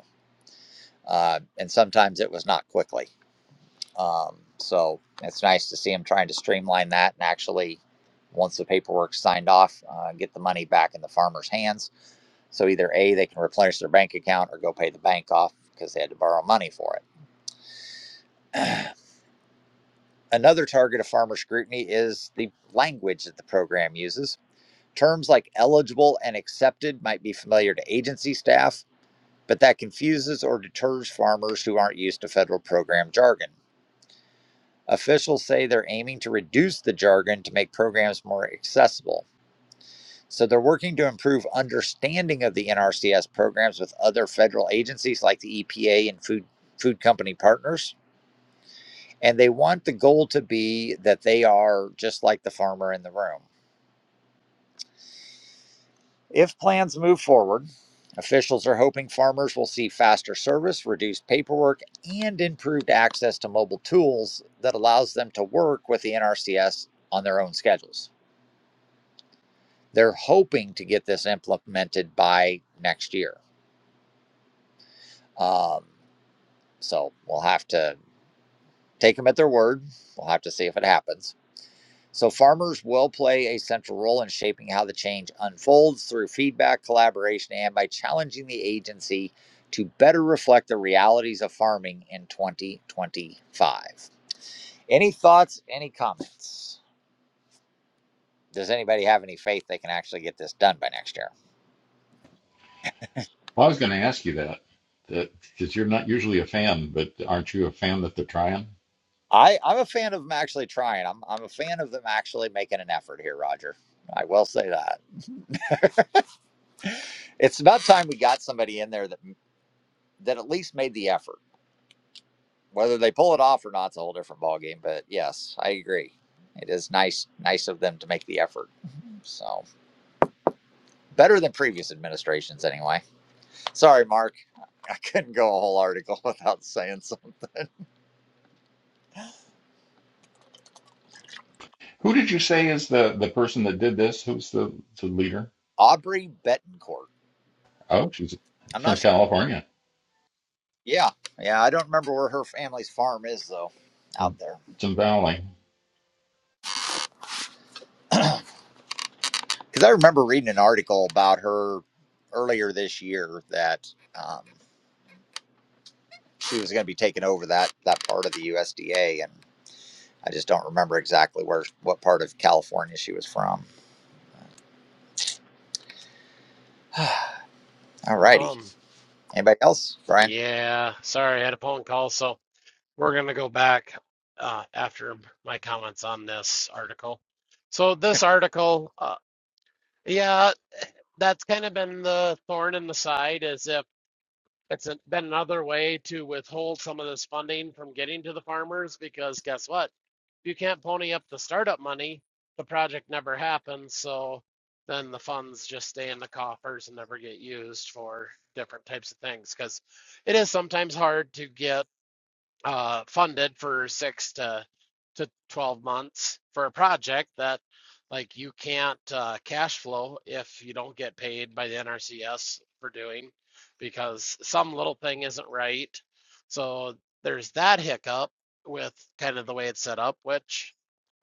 Uh, and sometimes it was not quickly. Um, so it's nice to see them trying to streamline that and actually, once the paperwork's signed off, uh, get the money back in the farmer's hands. So either A, they can replenish their bank account or go pay the bank off because they had to borrow money for it. Another target of farmer scrutiny is the language that the program uses Terms like eligible and accepted might be familiar to agency staff, but that confuses or deters farmers who aren't used to federal program jargon. Officials say they're aiming to reduce the jargon to make programs more accessible. So they're working to improve understanding of the NRCS programs with other federal agencies like the EPA and food food company partners and they want the goal to be that they are just like the farmer in the room If plans move forward, officials are hoping farmers will see faster service, reduced paperwork, and improved access to mobile tools that allows them to work with the NRCS on their own schedules. They're hoping to get this implemented by next year. Um, so we'll have to take them at their word. We'll have to see if it happens. So, farmers will play a central role in shaping how the change unfolds through feedback, collaboration, and by challenging the agency to better reflect the realities of farming in 2025. Any thoughts, any comments? Does anybody have any faith they can actually get this done by next year? Well, I was going to ask you that, that because you're not usually a fan, but aren't you a fan that they're trying? I, I'm a fan of them actually trying. I'm, I'm a fan of them actually making an effort here, Roger. I will say that. It's about time we got somebody in there that that at least made the effort Whether they pull it off or not is a whole different ballgame. But yes, I agree. It is nice, nice of them to make the effort. So better than previous administrations, anyway. Sorry, Mark, I couldn't go a whole article without saying something. Who did you say is the the person that did this? Who's the the leader? Aubrey Betancourt. Oh, she's I'm not from sure. California, Yeah, yeah, I don't remember where her family's farm is though, out there. some Valley. Because I remember reading an article about her earlier this year that um, she was going to be taking over that that part of the USDA, and I just don't remember exactly where what part of California she was from. All righty. Um, Anybody else, Brian? yeah, sorry, I had a phone call, so we're going to go back uh, after my comments on this article. So this article, uh, yeah, that's kind of been the thorn in the side, is if. It's an, been another way to withhold some of this funding from getting to the farmers because guess what? If you can't pony up the startup money, the project never happens. So then the funds just stay in the coffers and never get used for different types of things because it is sometimes hard to get uh, funded for six to to 12 months for a project that like you can't uh, cash flow if you don't get paid by the NRCS for doing because some little thing isn't right. So there's that hiccup with kind of the way it's set up, which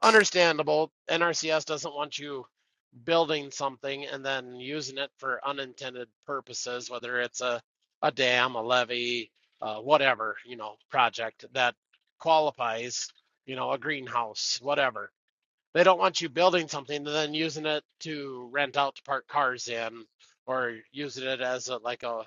understandable. NRCS doesn't want you building something and then using it for unintended purposes, whether it's a, a dam, a levee, uh, whatever, you know, project that qualifies, you know, a greenhouse, whatever. They don't want you building something and then using it to rent out to park cars in or using it as a, like a,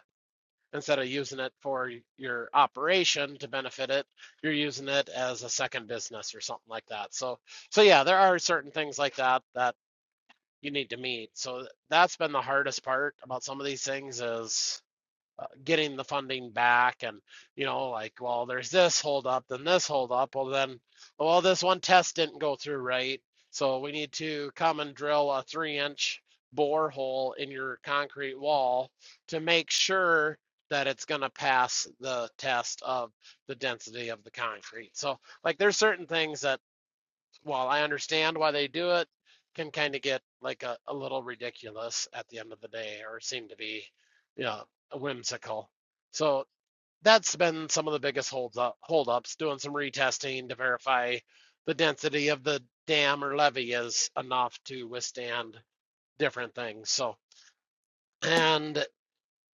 instead of using it for your operation to benefit it, you're using it as a second business or something like that. So, so yeah, there are certain things like that that you need to meet. So that's been the hardest part about some of these things is uh, getting the funding back and you know like well there's this hold up then this hold up well then well this one test didn't go through right so we need to come and drill a three inch bore hole in your concrete wall to make sure that it's going to pass the test of the density of the concrete so like there's certain things that while I understand why they do it, can kind of get like a, a little ridiculous at the end of the day or seem to be, you know, whimsical. So that's been some of the biggest holds up, hold ups, doing some retesting to verify the density of the dam or levee is enough to withstand different things. So, and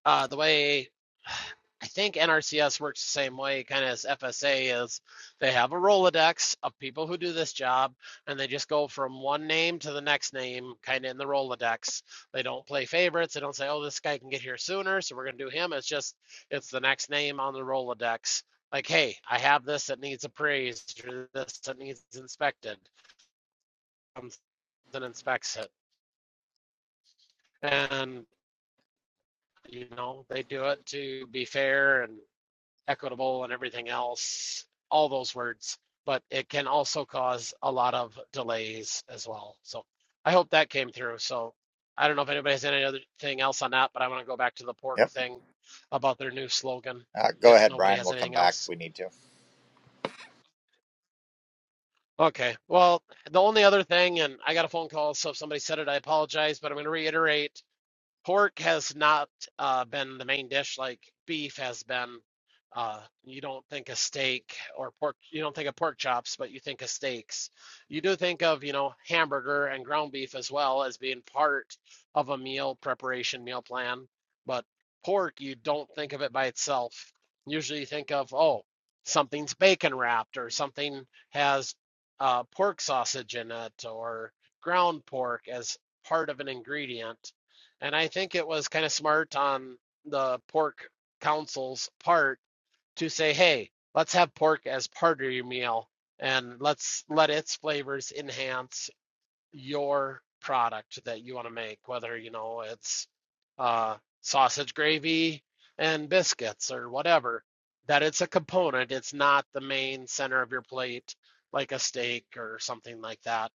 uh, the way I think NRCS works the same way, kind of as FSA is, they have a Rolodex of people who do this job, and they just go from one name to the next name, kind of in the Rolodex. They don't play favorites. They don't say, "Oh, this guy can get here sooner, so we're gonna do him." It's just it's the next name on the Rolodex. Like, hey, I have this that needs appraised, or this that needs inspected. Comes and inspects it, and you know they do it to be fair and equitable and everything else, all those words, but it can also cause a lot of delays as well. So I hope that came through. So I don't know if anybody has any other thing else on that, but I want to go back to the pork Yep. thing about their new slogan Uh, go if ahead, nobody Brian. has We'll come anything back if else. we need to. Okay. Well, the only other thing, and I got a phone call, so if somebody said it, I apologize, but I'm going to reiterate Pork has not uh, been the main dish like beef has been. Uh, you don't think of steak or pork, you don't think of pork chops, but you think of steaks. You do think of, you know, hamburger and ground beef as well as being part of a meal preparation, meal plan. But pork, you don't think of it by itself. Usually you think of, oh, something's bacon wrapped or something has uh, pork sausage in it or ground pork as part of an ingredient and I think it was kind of smart on the pork council's part to say, hey, let's have pork as part of your meal and let's let its flavors enhance your product that you want to make, whether you know it's uh, sausage gravy and biscuits or whatever, that it's a component. It's not the main center of your plate, like a steak or something like that.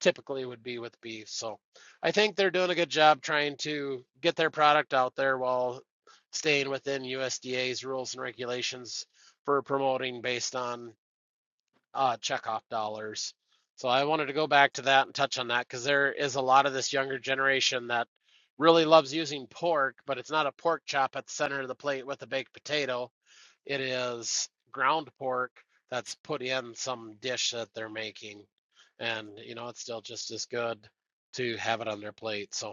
Typically would be with beef. So I think they're doing a good job trying to get their product out there while staying within USDA's rules and regulations for promoting based on uh, checkoff dollars. So I wanted to go back to that and touch on that because there is a lot of this younger generation that really loves using pork, but it's not a pork chop at the center of the plate with a baked potato. It is ground pork that's put in some dish that they're making. And, you know, it's still just as good to have it on their plate. So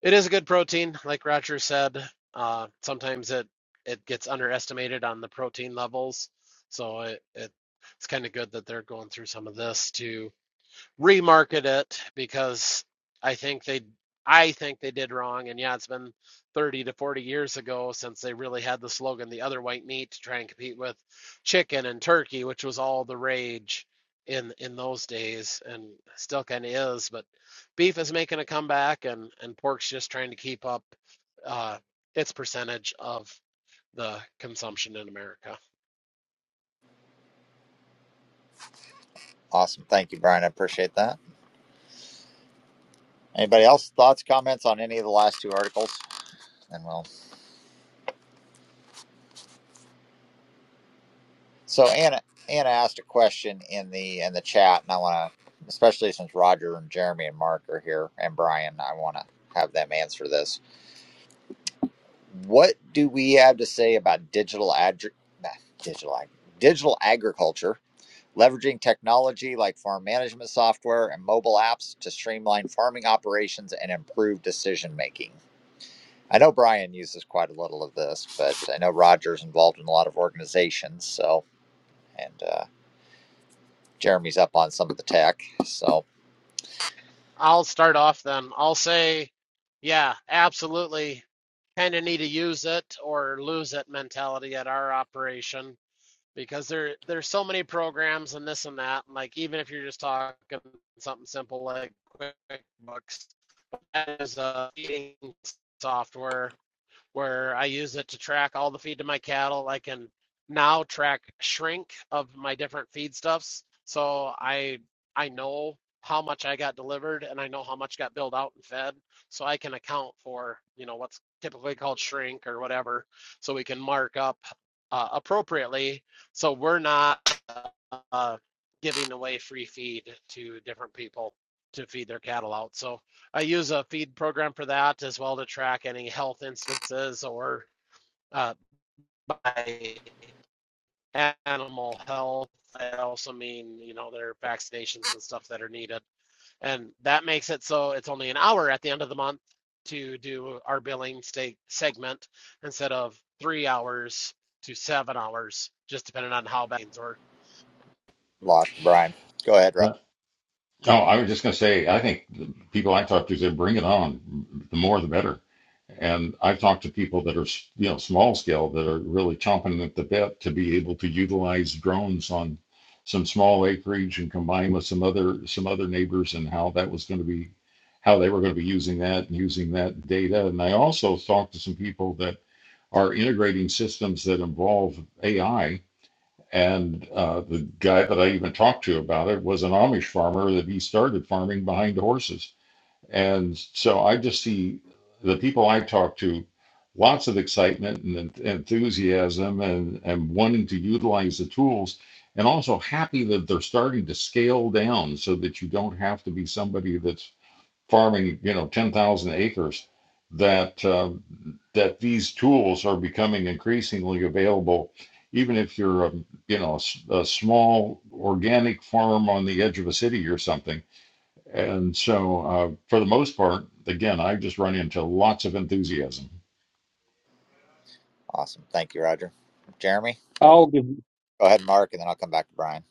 it is a good protein, like Roger said. Uh, sometimes it it gets underestimated on the protein levels, so it, it it's kind of good that they're going through some of this to remarket it because I think they I think they did wrong. And yeah, it's been 30 to 40 years ago since they really had the slogan the other white meat to try and compete with chicken and turkey, which was all the rage in in those days and still kind of is, but beef is making a comeback and and pork's just trying to keep up uh its percentage of the consumption in America. Awesome. Thank you, Brian. I appreciate that. Anybody else? Thoughts, comments on any of the last two articles? And we'll. So Anna, Anna asked a question in the in the chat, and I want to, especially since Roger and Jeremy and Mark are here, and Brian, I want to have them answer this. What do we have to say about digital ad? Digital digital agriculture leveraging technology like farm management software and mobile apps to streamline farming operations and improve decision making. I know Brian uses quite a little of this, but I know Roger's involved in a lot of organizations. So, and uh, Jeremy's up on some of the tech. So, I'll start off then. I'll say, yeah, absolutely. Kind of need to use it or lose it mentality at our operation because there there's so many programs and this and that. And like even if you're just talking something simple like QuickBooks, that is a eating software where I use it to track all the feed to my cattle. I can now track shrink of my different feedstuffs. So I I know how much I got delivered and I know how much got billed out and fed. So I can account for, you know, what's typically called shrink or whatever. So we can mark up uh, appropriately. So we're not uh, giving away free feed to different people to feed their cattle out. So I use a feed program for that as well to track any health instances or uh, by animal health. I also mean, you know, their vaccinations and stuff that are needed. And that makes it so it's only an hour at the end of the month to do our billing state segment instead of three hours to seven hours, just depending on how bad or lost to Brian. Go ahead, Roger. Yeah. Oh, I was just going to say, I think the people I talk to say, bring it on. The more, the better. And I've talked to people that are, you know, small scale that are really chomping at the bit to be able to utilize drones on some small acreage and combine with some other some other neighbors and how that was going to be how they were going to be using that and using that data. And I also talked to some people that are integrating systems that involve AI and uh, the guy that I even talked to about it was an Amish farmer that he started farming behind horses. And so I just see the people I talk to, lots of excitement and enthusiasm and, and wanting to utilize the tools, and also happy that they're starting to scale down so that you don't have to be somebody that's farming, you know, 10,000 acres. That uh, that these tools are becoming increasingly available. Even if you're, um, you know, a small organic farm on the edge of a city or something. And so, uh, for the most part, again, I just run into lots of enthusiasm. Awesome. Thank you, Roger. Jeremy, or I'll give. go ahead, Mark, and then I'll come back to Brian.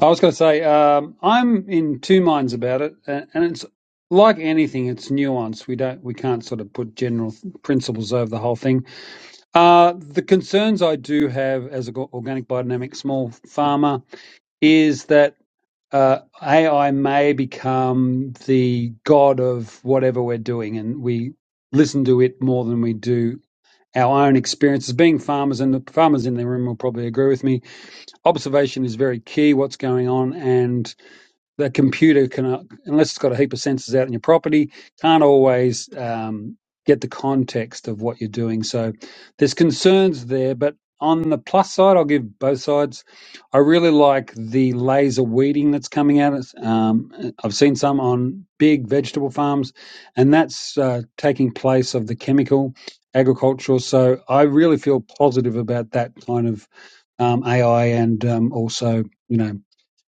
I was going to say um, I'm in two minds about it, a- and it's like anything, it's nuanced. We don't, we can't sort of put general th- principles over the whole thing. Uh, the concerns I do have as an organic biodynamic small farmer is that uh, AI may become the god of whatever we're doing, and we listen to it more than we do our own experiences. Being farmers, and the farmers in the room will probably agree with me observation is very key, what's going on, and the computer can, uh, unless it's got a heap of sensors out in your property, can't always um, get the context of what you're doing. So there's concerns there, but on the plus side, I'll give both sides. I really like the laser weeding that's coming out. It's, Um, I've seen some on big vegetable farms, and that's uh, taking place of the chemical agricultural. So I really feel positive about that kind of um, AI and um, also, you know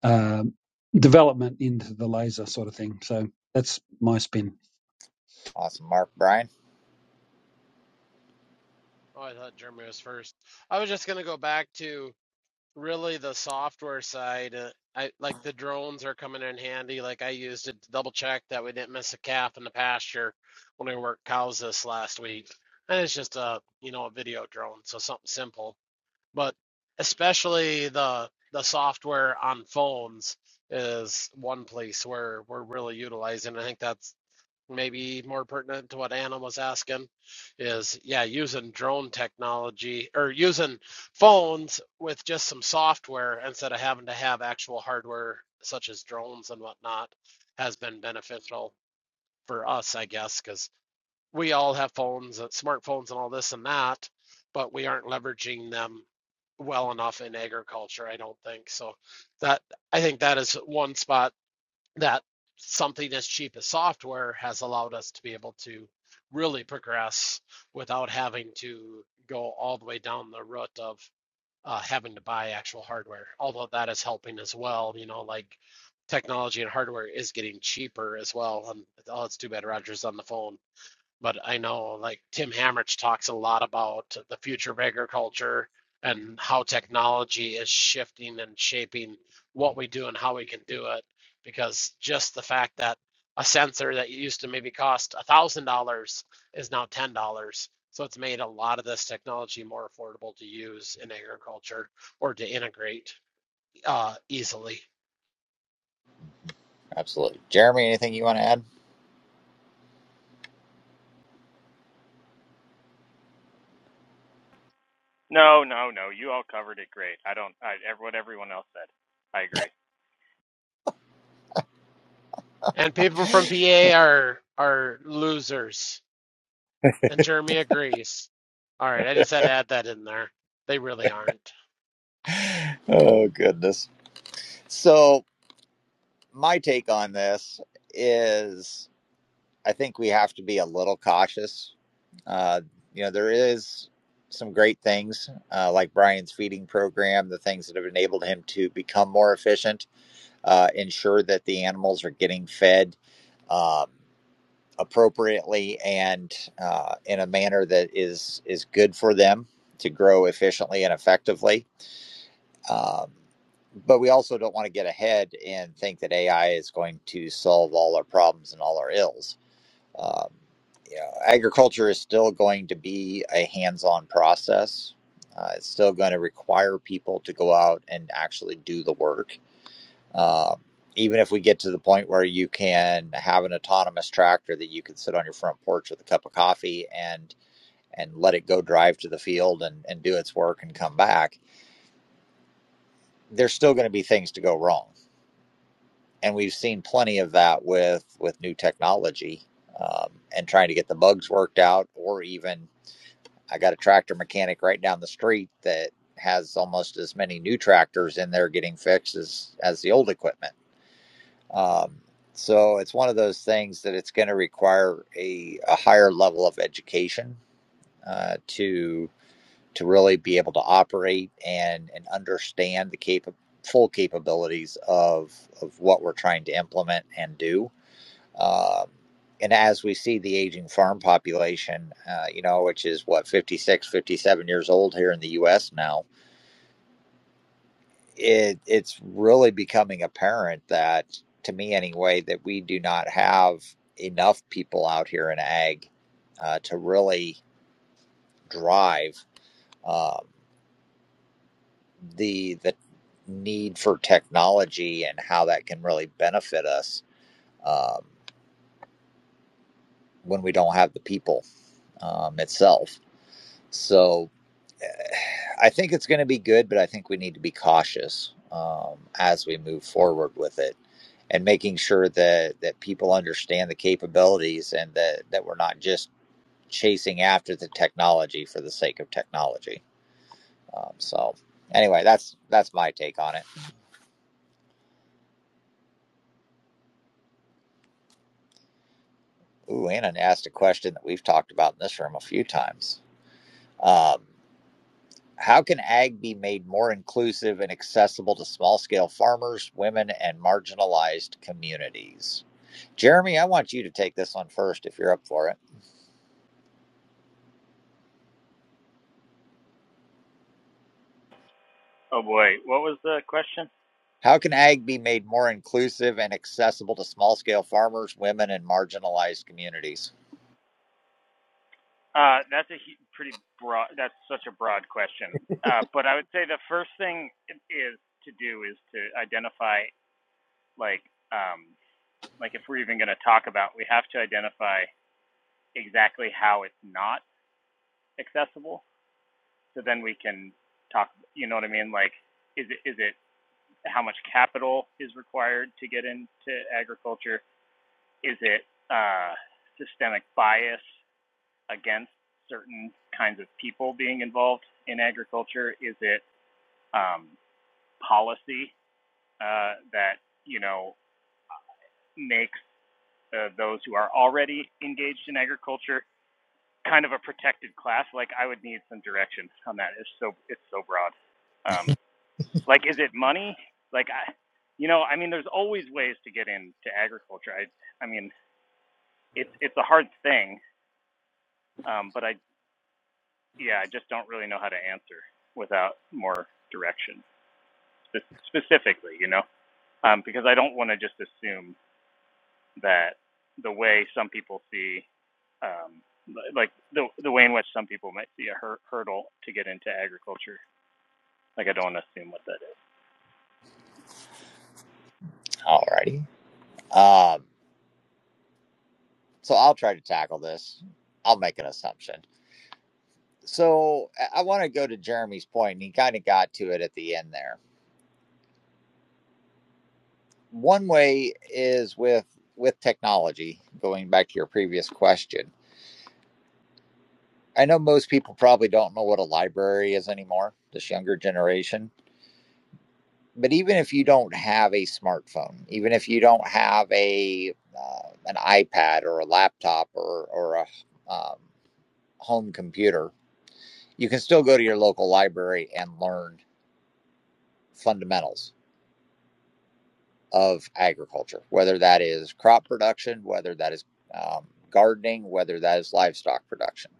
um, development into the laser sort of thing. So that's my spin. Awesome, Mark, Brian. oh, I thought Jeremy was first. I was just gonna go back to really the software side, uh, I like the drones are coming in handy. Like I used it to double check that we didn't miss a calf in the pasture when we worked cows this last week. And it's just a, you know, a video drone, so something simple. But especially the the software on phones is one place where we're really utilizing. I think that's maybe more pertinent to what Anna was asking is yeah, using drone technology or using phones with just some software instead of having to have actual hardware such as drones and whatnot has been beneficial for us, I guess, because we all have phones, uh, smartphones, and all this and that, but we aren't leveraging them well enough in agriculture, I don't think. So that I think that is one spot that something as cheap as software has allowed us to be able to really progress without having to go all the way down the route of uh, having to buy actual hardware. Although that is helping as well, you know, like technology and hardware is getting cheaper as well. And oh, it's too bad Roger's on the phone but I know like Tim Hamrich talks a lot about the future of agriculture and how technology is shifting and shaping what we do and how we can do it. Because just the fact that a sensor that used to maybe cost a thousand dollars is now ten dollars. So it's made a lot of this technology more affordable to use in agriculture or to integrate uh, easily. Absolutely. Jeremy, anything you want to No, no, no. You all covered it great. I don't. I ev- what everyone else said. I agree. And people from PA are are losers And Jeremy agrees. All right, I just had to add that in there. They really aren't. add? Oh, goodness. So, my take on this is I think we have to be a little cautious. Uh, you know, there is some great things uh, like Brian's feeding program, the things that have enabled him to become more efficient, uh, ensure that the animals are getting fed um, appropriately and uh, in a manner that is is good for them to grow efficiently and effectively um, but we also don't want to get ahead and think that AI is going to solve all our problems and all our ills. Um, you know, agriculture is still going to be a hands-on process. Uh, it's still going to require people to go out and actually do the work. Um, even if we get to the point where you can have an autonomous tractor that you can sit on your front porch with a cup of coffee and and let it go drive to the field and, and do its work and come back, there's still going to be things to go wrong and we've seen plenty of that with with new technology um, and trying to get the bugs worked out or even i got a tractor mechanic right down the street that has almost as many new tractors in there getting fixed as as the old equipment um, so it's one of those things that it's going to require a, a higher level of education uh, to to really be able to operate and and understand the cap- full capabilities of of what we're trying to implement and do um, and as we see the aging farm population, uh, you know, which is what 56, 57 years old here in the U.S. now, it it's really becoming apparent that, to me anyway, that we do not have enough people out here in ag uh, to really drive um, the the need for technology and how that can really benefit us um, when we don't have the people um, itself. So I think it's going to be good, but I think we need to be cautious um, as we move forward with it, and making sure that that people understand the capabilities and that that we're not just chasing after the technology for the sake of technology. Um, so, anyway, that's that's my take on it. Ooh, Anna asked a question that we've talked about in this room a few times. Um, How can ag be made more inclusive and accessible to small scale farmers, women, and marginalized communities? Jeremy, I want you to take this one first if you're up for it. Oh boy, what was the question? How can ag be made more inclusive and accessible to small scale farmers, women, and marginalized communities? Uh, that's a hu- pretty broad. That's such a broad question. Uh, but I would say the first thing i- is to do is to identify like um like if we're even going to talk about, we have to identify exactly how it's not accessible. So then we can talk. You know what I mean? Like, is it is it how much capital is required to get into agriculture? is it uh, systemic bias against certain kinds of people being involved in agriculture? Is it um, policy uh, that you know makes uh, those who are already engaged in agriculture kind of a protected class? Like I would need some direction on that. It's so it's so broad. Um, like is it money? Like I, you know, I mean, there's always ways to get into agriculture. I I mean, it's it's a hard thing, um, but I yeah, I just don't really know how to answer without more direction spe- specifically, you know, um, because I don't want to just assume that the way some people see, um, li- like the the way in which some people might see a hur- hurdle to get into agriculture, like I don't want to assume what that is. Alrighty. Um, so I'll try to tackle this. I'll make an assumption. So I want to go to Jeremy's point, and he kind of got to it at the end there one way is with with technology going back to your previous question i know most people probably don't know what a library is anymore this younger generation but even if you don't have a smartphone even if you don't have a uh, an ipad or a laptop or or a um, home computer you can still go to your local library and learn fundamentals of agriculture, whether that is crop production, whether that is um, gardening, whether that is livestock production.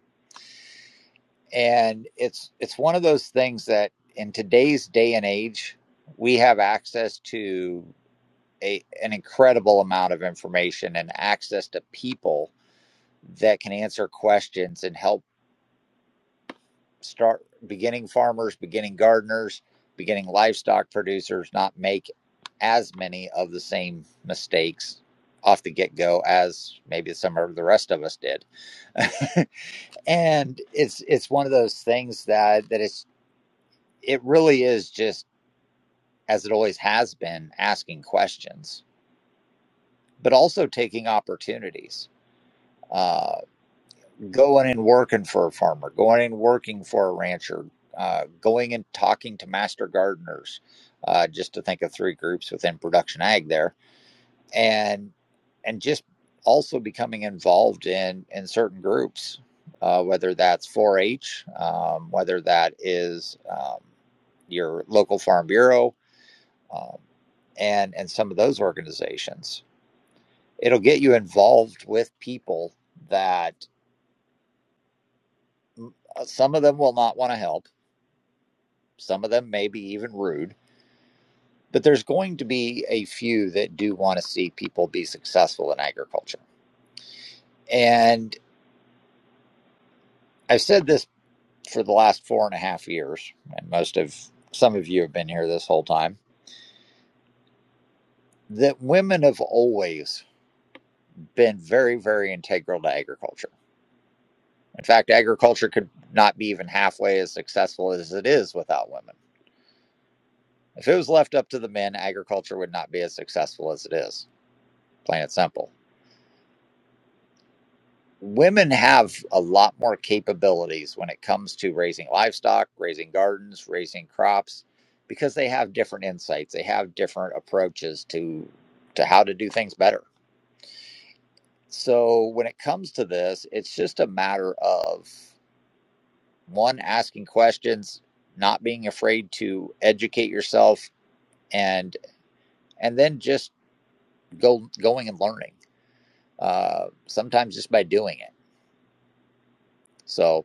And it's it's one of those things that in today's day and age, we have access to a, an incredible amount of information and access to people that can answer questions and help start beginning farmers, beginning gardeners, beginning livestock producers not make as many of the same mistakes off the get-go as maybe some of the rest of us did. and it's it's one of those things that that it's it really is just as it always has been asking questions, but also taking opportunities. Uh, going and working for a farmer, going and working for a rancher, uh, going and talking to master gardeners, uh, just to think of three groups within production ag there, and and just also becoming involved in in certain groups, uh, whether that's 4-H, um, whether that is um, your local farm bureau, um, and and some of those organizations. It'll get you involved with people that mm, some of them will not want to help Some of them may be even rude, but there's going to be a few that do want to see people be successful in agriculture. And I've said this for the last four and a half years, and most of some of you have been here this whole time, that women have always been very, very integral to agriculture. In fact, agriculture could not be even halfway as successful as it is without women. If it was left up to the men, agriculture would not be as successful as it is, plain and simple women have a lot more capabilities when it comes to raising livestock, raising gardens, raising crops, because they have different insights. They have different approaches to to how to do things better. So when it comes to this, it's just a matter of one asking questions, not being afraid to educate yourself, and and then just go going and learning. Uh, sometimes just by doing it. So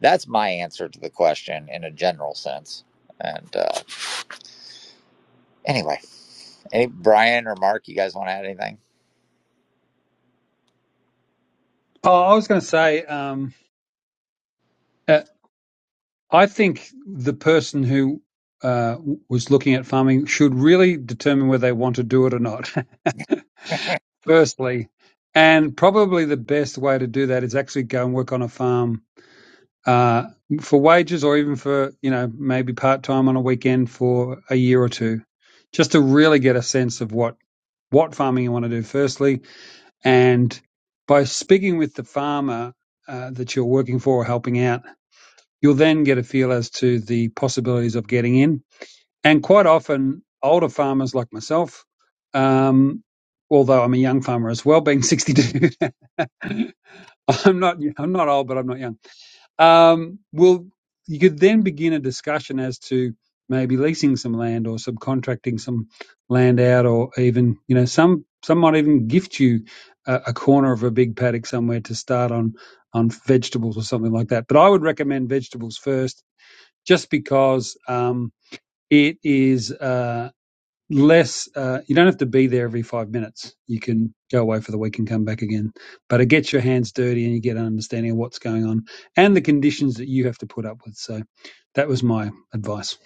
That's my answer to the question in a general sense. And uh, anyway, any Brian or Mark, you guys want to add anything? Oh, I was going to say, um, uh, I think the person who uh, was looking at farming should really determine whether they want to do it or not, firstly. And probably the best way to do that is actually go and work on a farm uh, for wages or even for, you know, maybe part time on a weekend for a year or two, just to really get a sense of what, what farming you want to do, firstly And by speaking with the farmer uh, that you're working for or helping out, you'll then get a feel as to the possibilities of getting in. And quite often, older farmers like myself, um, although I'm a young farmer as well, being 62, I'm not I'm not old, but I'm not young um, well, you could then begin a discussion as to maybe leasing some land or subcontracting some land out, or even you know some some might even gift you a, a corner of a big paddock somewhere to start on on vegetables or something like that. But I would recommend vegetables first, just because um, it is. Uh, less uh, you don't have to be there every five minutes you can go away for the week and come back again but it gets your hands dirty and you get an understanding of what's going on and the conditions that you have to put up with so that was my advice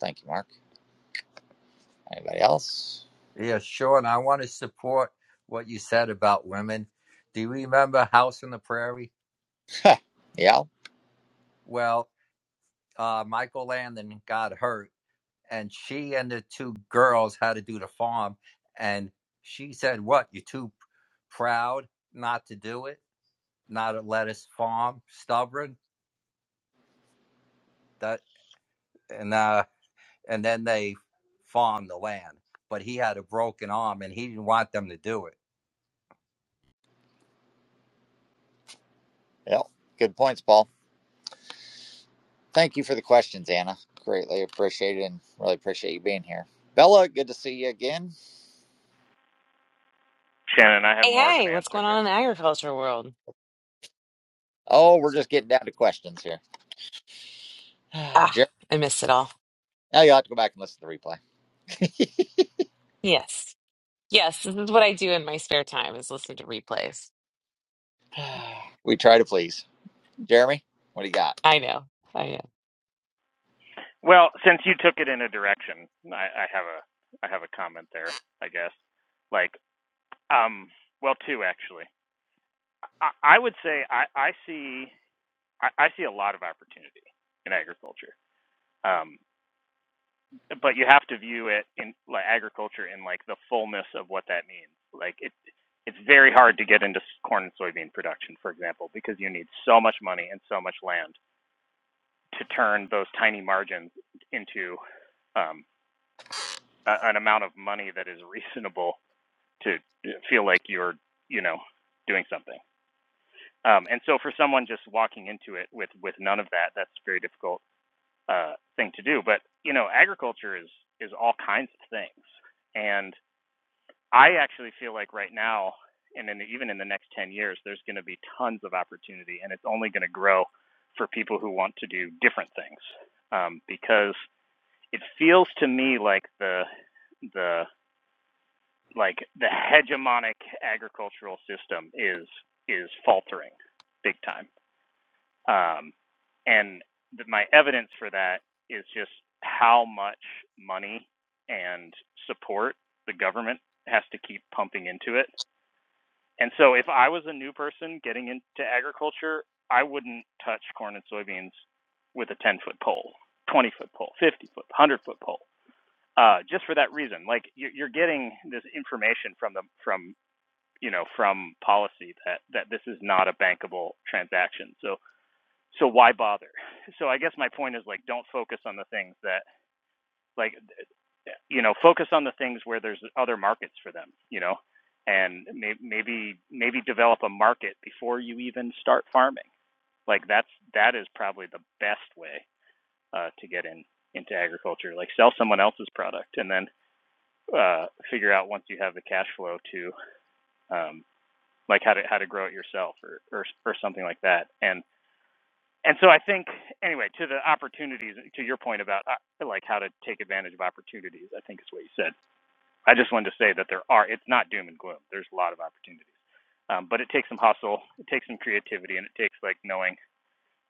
Thank you, Mark. Anybody else? Yeah, sure. And I want to support what you said about women. Do you remember House on the Prairie? Yeah, Well, uh, Michael Landon got hurt, and she and the two girls had to do the farm. And she said, What? You're too proud not to do it, not to let us farm, stubborn? That and uh, and then they farmed the land. But he had a broken arm and he didn't want them to do it yeah. Good points, Paul. Thank you for the questions, Anna. Greatly appreciated and really appreciate you being here. Bella, good to see you again. Shannon, I have Hey, more of an hey, what's answer going here. on in the agriculture world? Oh, we're just getting down to questions here. Ah, Jeremy, I miss it all. now you'll have to go back and listen to the replay. Yes. Yes, this is what I do in my spare time is listen to replays. We try to please. Jeremy, what do you got? I know. I know. Well, since you took it in a direction, I, I have a I have a comment there, I guess. Like, um, well, two actually. I, I would say I, I see. I, I see a lot of opportunity in agriculture. Um, but you have to view it in like agriculture in like the fullness of what that means. Like it, it's very hard to get into corn and soybean production, for example, because you need so much money and so much land to turn those tiny margins into um, a, an amount of money that is reasonable to uh, feel like you're, you know, doing something. Um, and so for someone just walking into it with with none of that, that's very difficult uh, thing to do. But you know, agriculture is is all kinds of things, and I actually feel like right now, and in the, even in the next ten years, there's going to be tons of opportunity, and it's only going to grow for people who want to do different things. Um, because it feels to me like the the like the hegemonic agricultural system is is faltering big time um, and th- my evidence for that is just how much money and support the government has to keep pumping into it. And so if I was a new person getting into agriculture, I wouldn't touch corn and soybeans with a 10 foot pole, 20 foot pole, 50 foot, 100 foot pole. Uh, just for that reason, like you're, you're getting this information from the from you know from policy that that this is not a bankable transaction. So so why bother? So I guess my point is like don't focus on the things that like you know focus on the things where there's other markets for them, you know, and may, maybe maybe develop a market before you even start farming. Like that's that is probably the best way uh, to get in into agriculture. Like sell someone else's product and then uh, figure out once you have the cash flow to um, like how to how to grow it yourself or or, or something like that. And and so I think anyway to the opportunities to your point about uh, like how to take advantage of opportunities I think is what you said. I just wanted to say that there are it's not doom and gloom. There's a lot of opportunities, um, but it takes some hustle, it takes some creativity, and it takes like knowing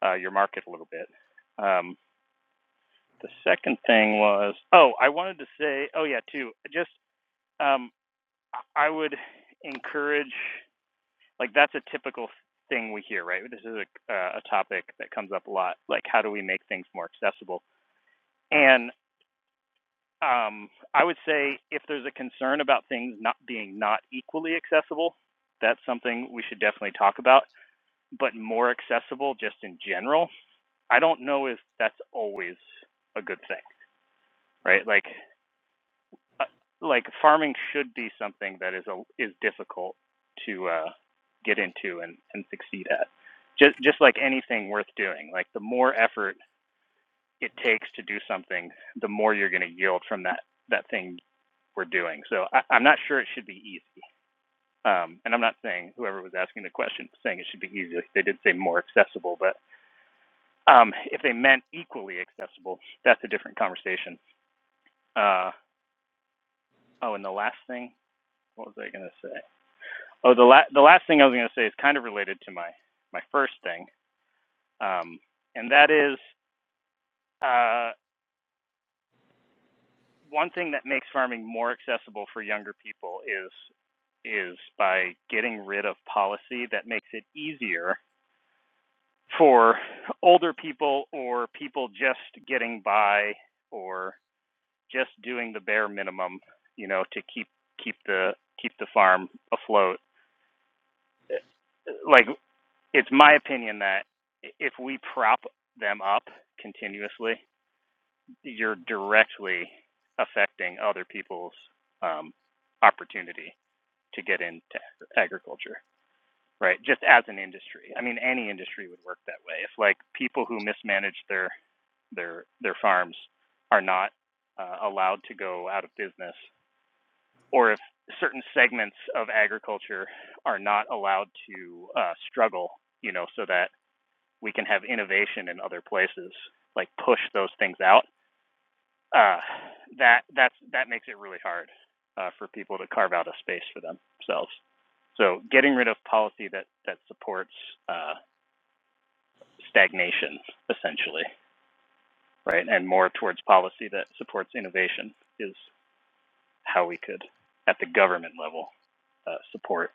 uh, your market a little bit. Um, the second thing was oh I wanted to say oh yeah too just um, I would encourage like that's a typical thing we hear right this is a, uh, a topic that comes up a lot like how do we make things more accessible And um, I would say if there's a concern about things not being not equally accessible, that's something we should definitely talk about. But more accessible, just in general, I don't know if that's always a good thing, right? Like, uh, like farming should be something that is a, is difficult to uh, get into and, and succeed at. Just just like anything worth doing, like the more effort it takes to do something, the more you're going to yield from that that thing we're doing. So I, I'm not sure it should be easy. Um, and I'm not saying whoever was asking the question saying it should be easy. They did say more accessible, but um, if they meant equally accessible, that's a different conversation. Uh, oh, and the last thing, what was I going to say? Oh, the la- the last thing I was going to say is kind of related to my my first thing, um, and that is uh, one thing that makes farming more accessible for younger people is is by getting rid of policy that makes it easier for older people or people just getting by or just doing the bare minimum, you know, to keep keep the keep the farm afloat. Like it's my opinion that if we prop them up continuously, you're directly affecting other people's um, opportunity to get into agriculture, right? Just as an industry. I mean, any industry would work that way. If like people who mismanage their their their farms are not uh, allowed to go out of business, or if certain segments of agriculture are not allowed to uh, struggle, you know, so that we can have innovation in other places, like push those things out. Uh, that that's that makes it really hard uh, for people to carve out a space for themselves. So getting rid of policy that that supports uh, stagnation essentially, right, and more towards policy that supports innovation is how we could, at the government level, uh, support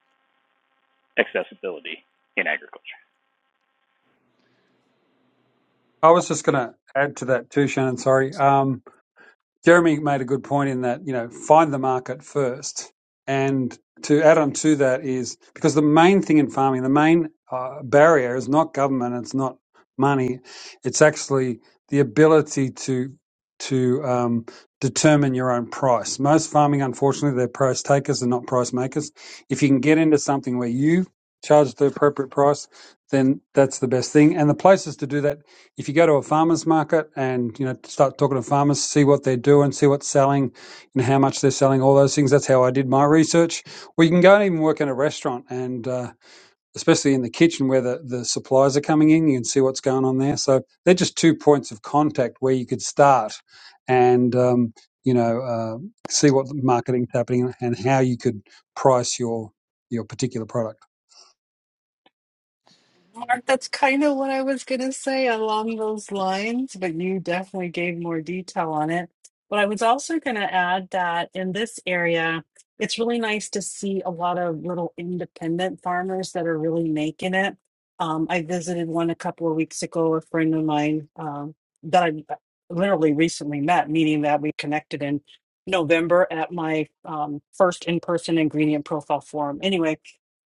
accessibility in agriculture. i was just going to add to that too shannon sorry Um, Jeremy made a good point in that, you know, find the market first. And to add on to that is because the main thing in farming, the main uh, barrier is not government, it's not money, it's actually the ability to to um, determine your own price. Most farming, unfortunately, they're price takers and not price makers. If you can get into something where you charge the appropriate price, then that's the best thing. And the places to do that if you go to a farmer's market and you know start talking to farmers, see what they're doing, see what's selling, and how much they're selling, all those things. That's how I did my research. Or you can go and even work in a restaurant, and uh, especially in the kitchen where the, the supplies are coming in, you can see what's going on there. So they're just two points of contact where you could start, and um, you know uh, see what marketing's happening and how you could price your your particular product. Mark, that's kind of what I was going to say along those lines, but you definitely gave more detail on it. But I was also going to add that in this area, it's really nice to see a lot of little independent farmers that are really making it. Um, I visited one a couple of weeks ago, a friend of mine um, that I literally recently met, meaning that we connected in November at my um, first in person ingredient profile forum. Anyway,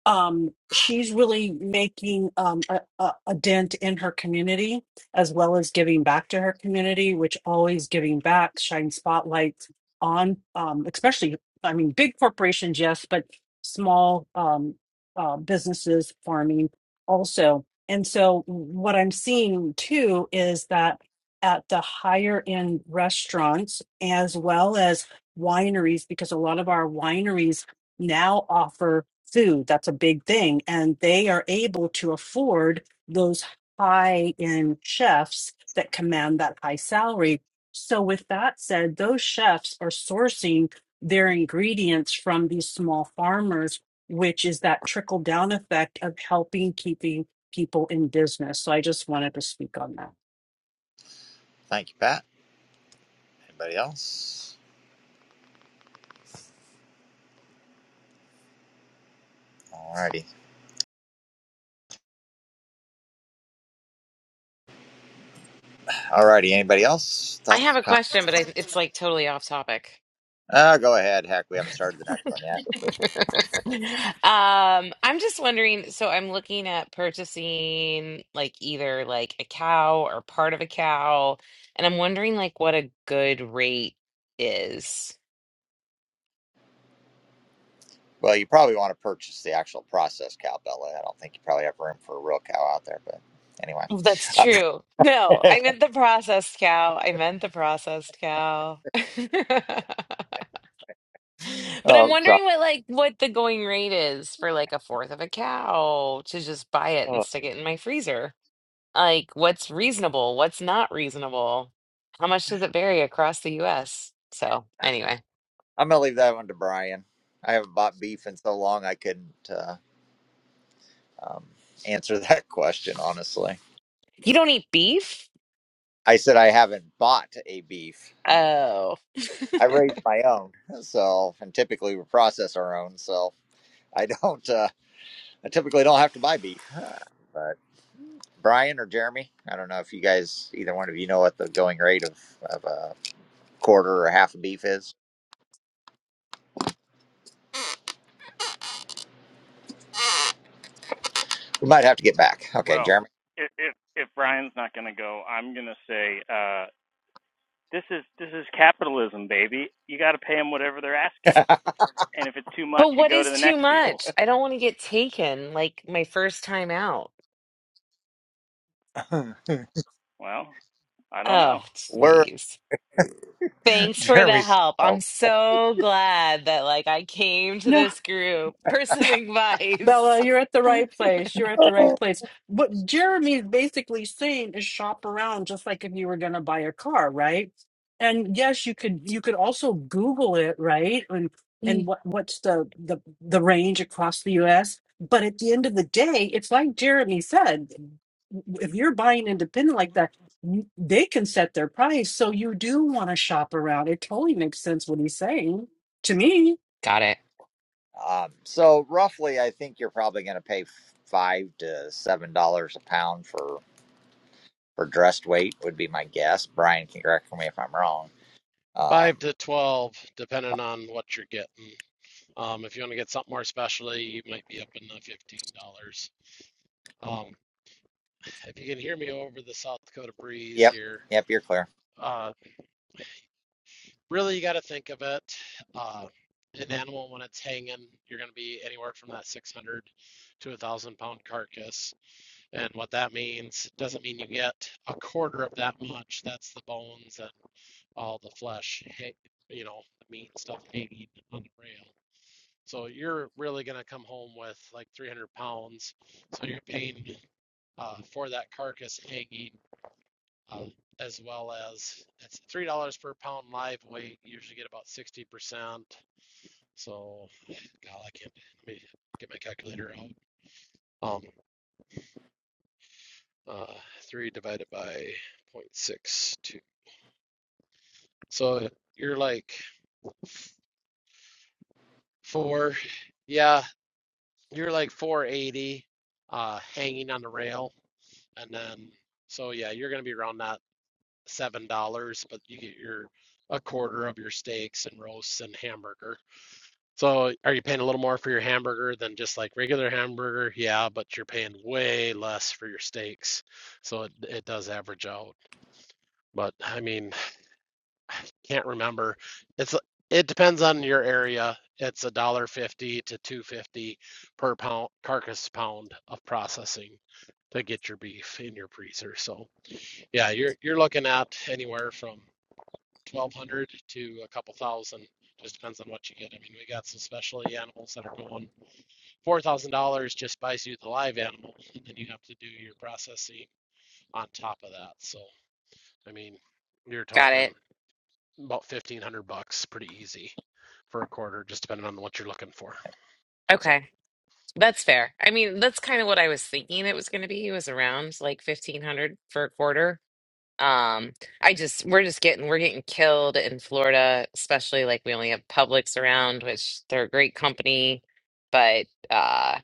um, she's really making um, a, a, a dent in her community as well as giving back to her community, which always giving back shines spotlights on, um, especially, I mean, big corporations, yes, but small um, uh, businesses, farming also. And so, what I'm seeing too is that at the higher end restaurants as well as wineries, because a lot of our wineries now offer food. That's a big thing. And they are able to afford those high end chefs that command that high salary. So, with that said, those chefs are sourcing their ingredients from these small farmers, which is that trickle down effect of helping keeping people in business. So, I just wanted to speak on that. Thank you, Pat. Anybody else? Alrighty. Alrighty. Anybody else? I have Thoughts, a comments? question, but I, it's like totally off topic. Uh, go ahead. Heck, we haven't started the next one yet. Um, I'm just wondering, so I'm looking at purchasing like either like a cow or part of a cow, and I'm wondering like what a good rate is. Well, you probably want to purchase the actual processed cow, Bella. I don't think you probably have room for a real cow out there, but anyway. Well, That's true. No, I meant the processed cow. I meant the processed cow. But I'm oh, sorry. wondering what like what the going rate is for like a fourth of a cow to just buy it and Oh. stick it in my freezer. Like what's reasonable? What's not reasonable? How much does it vary across the US? So, anyway, I'm going to leave that one to Brian. I haven't bought beef in so long I couldn't uh, um, answer that question, honestly. you don't eat beef? I said I haven't bought a beef. Oh. I raised my own, so, and typically we process our own, so I don't, uh, I typically don't have to buy beef. But Brian or Jeremy. I don't know if you guys, either one of you, know what the going rate of, of a quarter or half a beef is. We might have to get back. Okay, Well, Jeremy. if if, if Brian's not going to go, I'm going to say uh, this is this is capitalism, baby. You got to pay them whatever they're asking, and if it's too much, But you what go to is the too next people. much? I don't want to get taken like my first time out. Well, I don't Oh, know. We're jeez. Thanks for the Jeremy's. help. I'm so glad that like I came to No. this group for some Bella, advice. you're at the right place. You're at the right Oh. place. What Jeremy is basically saying is shop around just like if you were going to buy a car, right? And yes, you could you could also Google it, right? And and Mm. what what's the the the range across the US? But at the end of the day, it's like Jeremy said, if you're buying independent like that, you- they can set their price. So you do want to shop around. It totally makes sense what he's saying to me. Got it. Um, so roughly, I think you're probably going to pay five to seven dollars a pound for for dressed weight would be my guess. Brian can correct me if I'm wrong. Five Um, to 12, depending on what you're getting. Um, if you want to get something more specialty, you might be up in the $15. Um, if you can hear me over the South Dakota breeze yep, here, yep, you're clear. uh, really you got to think of it. Uh, an animal, when it's hanging, you're going to be anywhere from that 600 to a thousand pound carcass. And what that means doesn't mean you get a quarter of that much. That's the bones and all the flesh, hey, you know, the meat and stuff hanging on the rail. So you're really going to come home with like 300 pounds. So you're paying uh, for that carcass hanging uh, as well as it's three dollars per pound live weight. You usually get about 60 percent. So, God, I can't. Let me get my calculator out. Um, uh, three divided by 0.62. So you're like four. Yeah, You're like 480, uh, hanging on the rail, and then so yeah, you're gonna be around that seven dollars, but you get your a quarter of your steaks and roasts and hamburger. So are you paying a little more for your hamburger than just like regular hamburger? Yeah, but you're paying way less for your steaks, so it it does average out. But I mean. I can't remember. It's it depends on your area. It's a dollar fifty to two fifty per pound carcass pound of processing to get your beef in your freezer. So yeah, you're you're looking at anywhere from twelve hundred to a couple thousand. Just depends on what you get. I mean, we got some specialty animals that are going four thousand dollars just buys you the live animal, and you have to do your processing on top of that. So I mean, you're Got talking it. about fifteen hundred bucks, pretty easy for a quarter, just depending on what you're looking for. So Okay. That's fair. I mean, that's kind of what I was thinking it was going to be. It was around like 1500 for a quarter. Um, I just we're just getting we're getting killed in Florida, especially like we only have Publix around, which they're a great company, but uh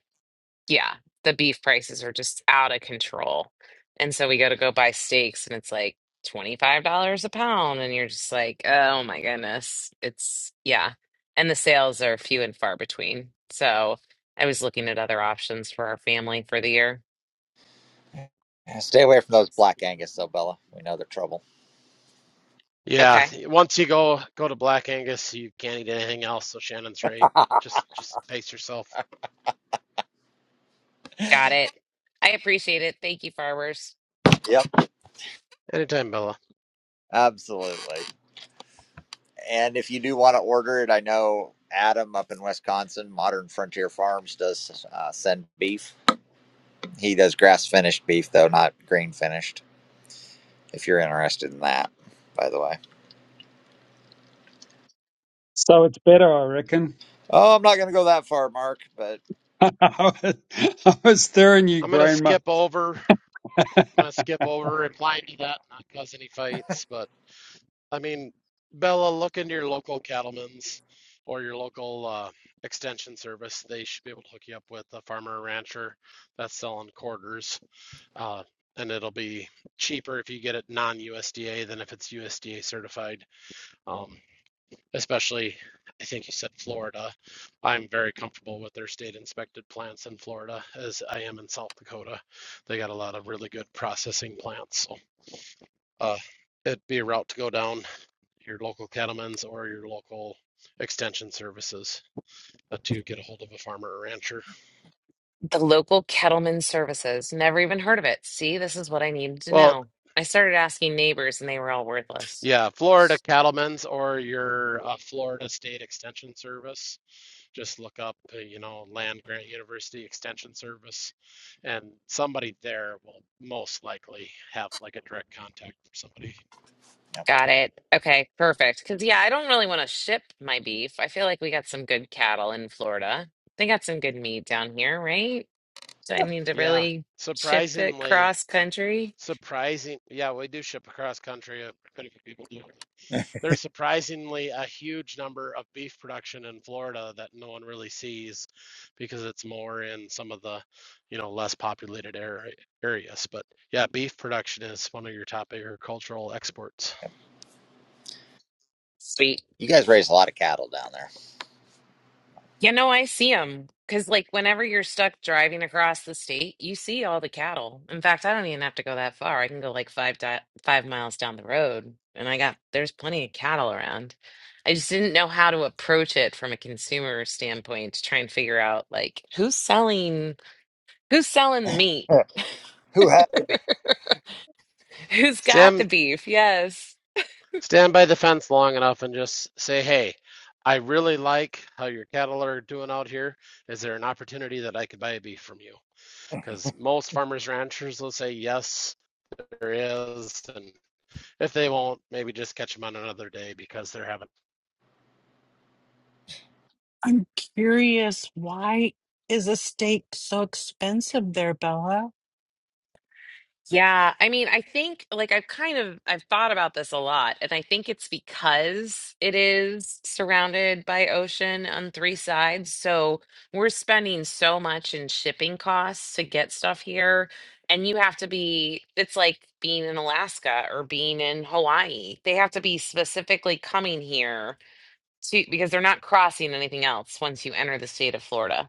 Yeah, the beef prices are just out of control. And so we go to go buy steaks and it's like $25 a pound. And you're just like, oh my goodness. It's, yeah. And the sales are few and far between. So I was looking at other options for our family for the year. Stay away from those black Angus, though, Bella. We know they're trouble. yeah, Okay, once you go go to Black Angus, you can't eat anything else. So Shannon's right. Just just pace yourself. got it. I appreciate it. Thank you, farmers. Yep, Anytime, Bella. Absolutely. And if you do want to order it, I know Adam up in Wisconsin, Modern Frontier Farms, does uh, send beef. He does grass finished beef, though, not green finished, if you're interested in that, by the way. So it's better, I reckon. Oh, I'm not going to go that far, Mark, but I was I was stirring you, I'm gonna Graham. My- skip over. I'm gonna skip over replying to that, not cause any fights. But I mean, Bella, look into your local cattlemen's or your local uh, extension service. They should be able to hook you up with a farmer or rancher that's selling quarters Uh, and it'll be cheaper if you get it non-USDA than if it's USDA certified. Um, especially, I think you said Florida. I'm very comfortable with their state inspected plants in Florida as I am in South Dakota. They got a lot of really good processing plants. So uh, it'd be a route to go down your local cattlemen's or your local extension services uh, to get a hold of a farmer or rancher. The local Kettleman services. Never even heard of it. See, this is what I needed to Well, know. I started asking neighbors and they were all worthless. Yeah, Florida Cattlemen's or your uh, Florida State Extension Service. Just look up, uh, you know, Land Grant University Extension Service, and somebody there will most likely have like a direct contact from somebody. you, know, Got it. Okay, perfect. Because, yeah, I don't really want to ship my beef. I feel like we got some good cattle in Florida. They got some good meat down here, right? Do I need to Yeah, really ship it surprisingly, cross country? surprising. Yeah, we do ship across country. uh, Quite a few people do. there's surprisingly a huge number of beef production in Florida that no one really sees because it's more in some of the, you know, less populated area, areas. But yeah, beef production is one of your top agricultural exports. Sweet. you guys raise a lot of cattle down there. You know, I see them because, like, whenever you're stuck driving across the state, you see all the cattle. In fact, I don't even have to go that far. I can go like five di five miles down the road, and I got there's plenty of cattle around. I just didn't know how to approach it from a consumer standpoint to try and figure out like who's selling who's selling the meat, Huh. Who has the beef? who's got Stand the beef. Yes. stand by the fence long enough and just say, hey, I really like how your cattle are doing out here. Is there an opportunity that I could buy a beef from you? Because most farmers ranchers will say yes, there is, and If they won't, maybe just catch them on another day because they're having. I'm curious, why is a steak so expensive there, Bella? Yeah, I mean, I think like I've kind of I've thought about this a lot, and I think it's because it is surrounded by ocean on three sides. So we're spending so much in shipping costs to get stuff here, and you have to be it's like being in Alaska or being in Hawaii. They have to be specifically coming here to because they're not crossing anything else once you enter the state of Florida.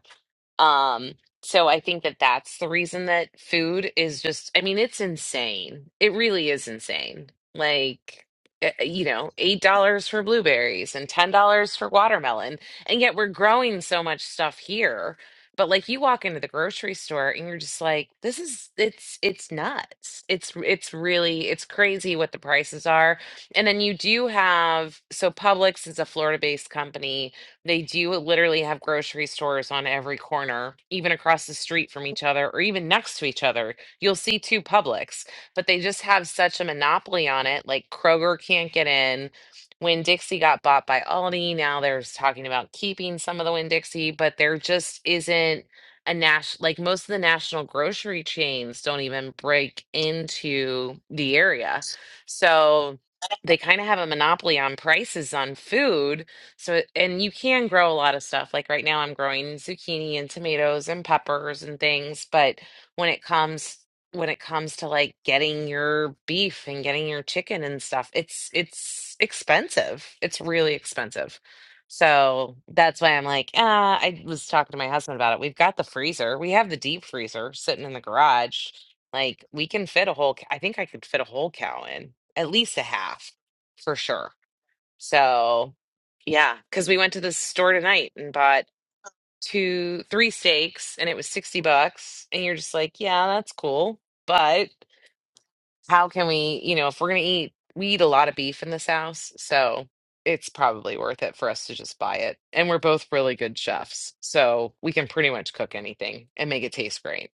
Um, so I think that that's the reason that food is just, I mean, it's insane. It really is insane. Like, eh, eh, you know, $8 for blueberries and $10 for watermelon. And yet we're growing so much stuff here. But like you walk into the grocery store and you're just like, this is it's it's nuts. It's it's really it's crazy what the prices are. And then you do have so Publix is a Florida-based company they do literally have grocery stores on every corner, even across the street from each other or even next to each other. You'll see two Publix, but they just have such a monopoly on it. Like Kroger can't get in. When Dixie got bought by Aldi, now there's talking about keeping some of the Winn Dixie, but there just isn't a national like most of the national grocery chains don't even break into the area. So they kind of have a monopoly on prices on food so, and you can grow a lot of stuff. Like right now, I'm growing zucchini and tomatoes and peppers and things. But when it comes when it comes to like getting your beef and getting your chicken and stuff, it's it's expensive. It's really expensive. So that's why I'm like, ah, I was talking to my husband about it. We've got the freezer. We have the deep freezer sitting in the garage. Like we can fit a whole, c- I think I could fit a whole cow in, at least a half for sure so, yeah, because we went to the store tonight and bought two, three steaks, and it was 60 bucks. And you're just like, yeah, that's cool. But how can we, you know, if we're going to eat, we eat a lot of beef in this house. So it's probably worth it for us to just buy it. And we're both really good chefs. So we can pretty much cook anything and make it taste great.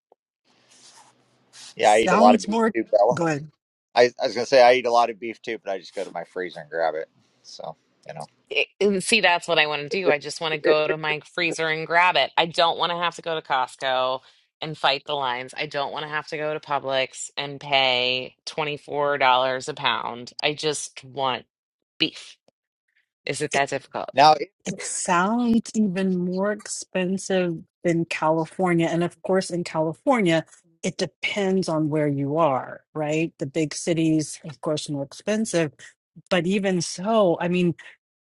Yeah, I eat a lot of Sounds beef more too, Bella. good. I, I was going to say I eat a lot of beef too, but I just go to my freezer and grab it. So, you know. it- and see that's what i want to do i just want to go to my freezer and grab it i don't want to have to go to costco and fight the lines i don't want to have to go to publix and pay $24 a pound i just want beef is it It, that difficult now. it sounds even more expensive than California. And of course, in California, it depends on where you are, right? The big cities, of course, more expensive. But even so, I mean,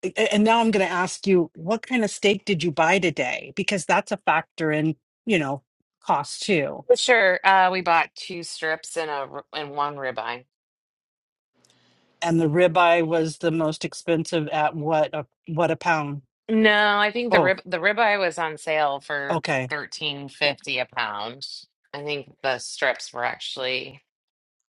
a- a- and now I'm going to ask you, what kind of steak did you buy today? Because that's a factor in, you know, cost too. but sure uh, we bought two strips and a r- and one ribeye And the ribeye was the most expensive at what a what a pound? no i think the Oh, rib the ribeye was on sale for okay. 13.50 a pound i think the strips were actually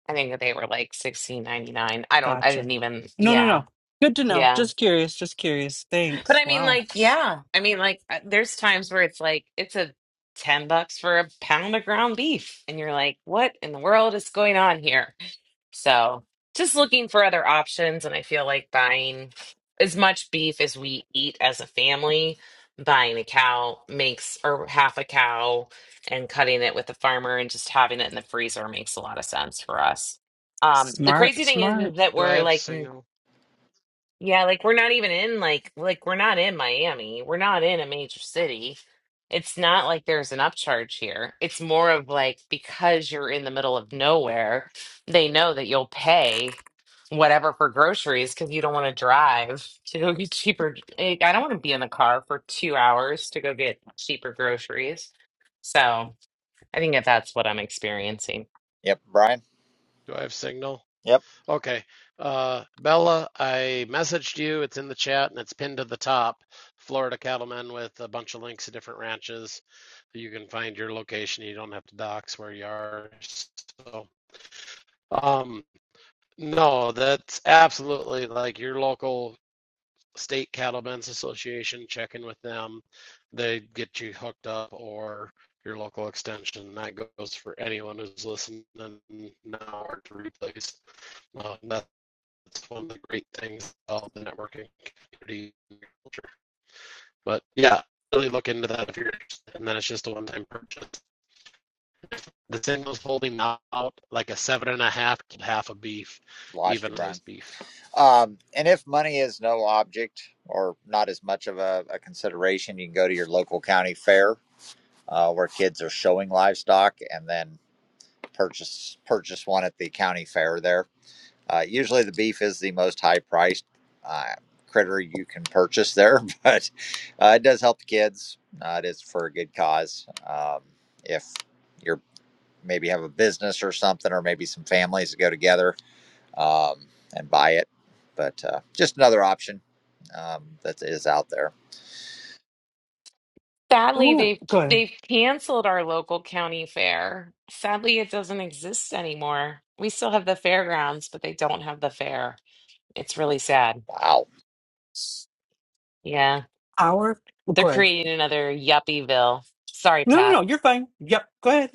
I think they were like sixteen ninety nine. I don't. I Gotcha. didn't even. No, no, Yeah, no. Good to know. yeah. Just curious, just curious. But Thanks. I mean, Wow. like, yeah. I mean, like, uh, there's times where it's like it's a ten bucks for a pound of ground beef, and you're like, what in the world is going on here? So just looking for other options. And I feel like buying as much beef as we eat as a family, buying a cow makes, or half a cow and cutting it with a farmer and just having it in the freezer makes a lot of sense for us. Um, the Smart, crazy thing is, smart. is that Do I we're have like signal? yeah, like we're not even in like like we're not in Miami. We're not in a major city. It's not like there's an upcharge here. It's more of like because you're in the middle of nowhere, they know that you'll pay whatever for groceries because you don't want to drive to go get cheaper. Like, I don't want to be in the car for two hours to go get cheaper groceries. So I think that that's what I'm experiencing. Yep, Brian. Do I have signal? Yep, Okay. Uh, Bella, I messaged you. It's in the chat and it's pinned to the top. Florida Cattlemen with a bunch of links to different ranches. You can find your location. You don't have to dox where you are. So, um, no, that's absolutely like your local state cattlemen's association, check in with them. They get you hooked up or your local extension. That goes for anyone who's listening now or to replace. Uh, that's one of the great things about the networking community culture. But yeah, really look into that if you're interested. And then it's just a one time purchase. The thing was holding out like a seven and a half to half a beef, lost you, even Brian. sized beef. Um, and if money is no object or not as much of a, a consideration, you can go to your local county fair uh, where kids are showing livestock, and then purchase purchase one at the county fair there. Uh, usually, the beef is the most high priced uh, critter you can purchase there, but uh, it does help the kids. Uh, it is for a good cause. Um, if you're maybe have a business or something, or maybe some families that go together um, and buy it. But uh, just another option um, that is out there. Sadly, Ooh, they've good. they've canceled our local county fair. Sadly, it doesn't exist anymore. We still have the fairgrounds, but they don't have the fair. It's really sad. Wow. Yeah, Our they're good. creating another yuppieville. Sorry, No, no, no. Pat. You're fine. Yep. Go ahead.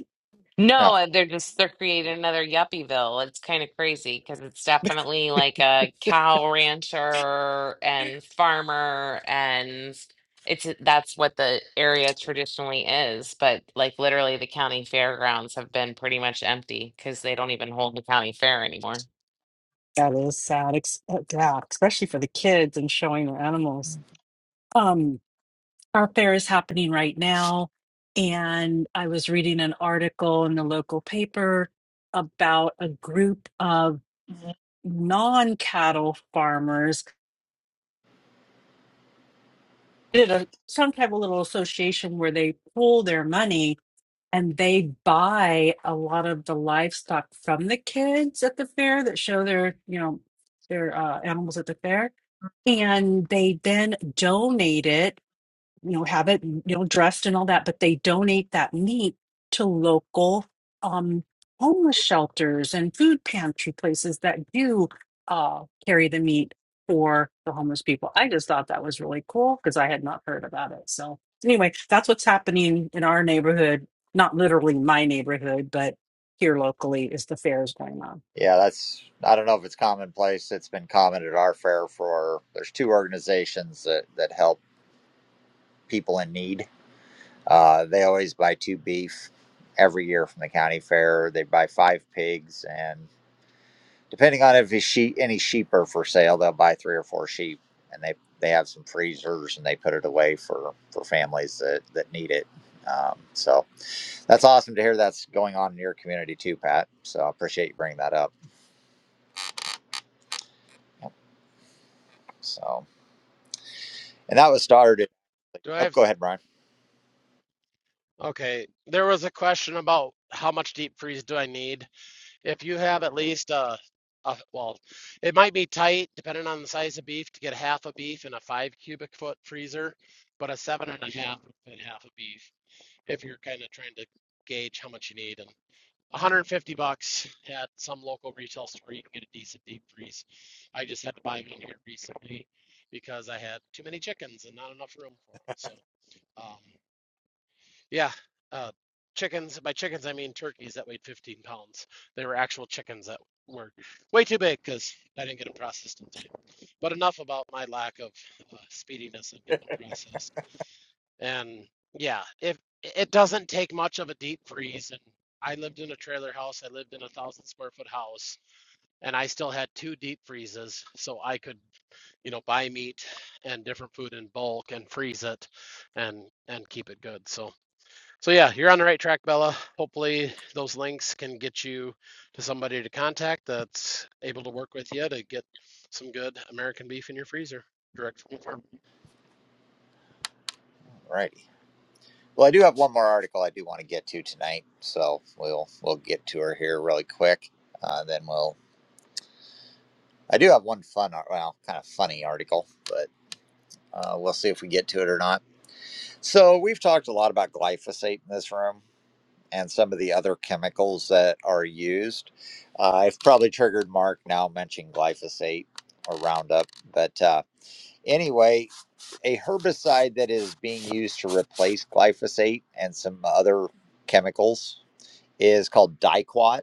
Yeah. No, they're just they're creating another Yuppieville. It's kind of crazy because it's definitely like a cow rancher and farmer, and it's that's what the area traditionally is. But like literally, the county fairgrounds have been pretty much empty because they don't even hold the county fair anymore. That is sad. Ex- uh, yeah, especially for the kids and showing the animals. Um, our fair is happening right now, and I was reading an article in the local paper about a group non-cattle farmers did a, some type of little association where they pool their money and they buy a lot of the livestock from the kids at the fair that show their you know their uh, animals at the fair and they then donate it you know have it you know dressed and all that but they donate that meat to local um homeless shelters and food pantry places that do uh carry the meat for the homeless people i just thought that was really cool because i had not heard about it so anyway that's what's happening in our neighborhood not literally my neighborhood but here locally is the fair is going on Yeah, that's I don't know if it's commonplace. It's been common at our fair for there's two organizations that, that help people in need. Uh, they always buy two beef every year from the county fair. They buy five pigs and depending on if his sheep, any sheep are for sale, they'll buy three or four sheep, and they they have some freezers and they put it away for for families that that need it. Um, so that's awesome to hear that's going on in your community too, Pat. So I appreciate you bringing that up. So and that was started. Do I Oh, have go ahead, Brian. Okay, there was a question about how much deep freeze do I need? If you have at least a, a, well, it might be tight depending on the size of beef to get half a beef in a five cubic foot freezer, but a seven and a half would fit half a beef if you're kind of trying to gauge how much you need. And 150 bucks at some local retail store, you can get a decent deep freeze. I just had to buy one here recently because I had too many chickens and not enough room for them. So, um, yeah. Uh, chickens. By chickens, I mean turkeys that weighed 15 pounds. They were actual chickens that were way too big because I didn't get them processed in time. But enough about my lack of uh, speediness in getting them processed. And yeah, if it doesn't take much of a deep freeze, and I lived in a trailer house, I lived in a thousand square foot house, and I still had two deep freezes, so I could, you know, buy meat and different food in bulk and freeze it, and and keep it good. So so yeah, you're on the right track, Bella. Hopefully those links can get you to somebody to contact that's able to work with you to get some good American beef in your freezer direct from the farm. Alrighty. Well, I do have one more article I do want to get to tonight, so we'll we'll get to her here really quick. Uh, then we'll. I do have one fun, well, kind of funny article, but uh, we'll see if we get to it or not. So we've talked a lot about glyphosate in this room and some of the other chemicals that are used. Uh, I've probably triggered Mark now mentioning glyphosate or Roundup, but uh, anyway, a herbicide that is being used to replace glyphosate and some other chemicals is called Dicot.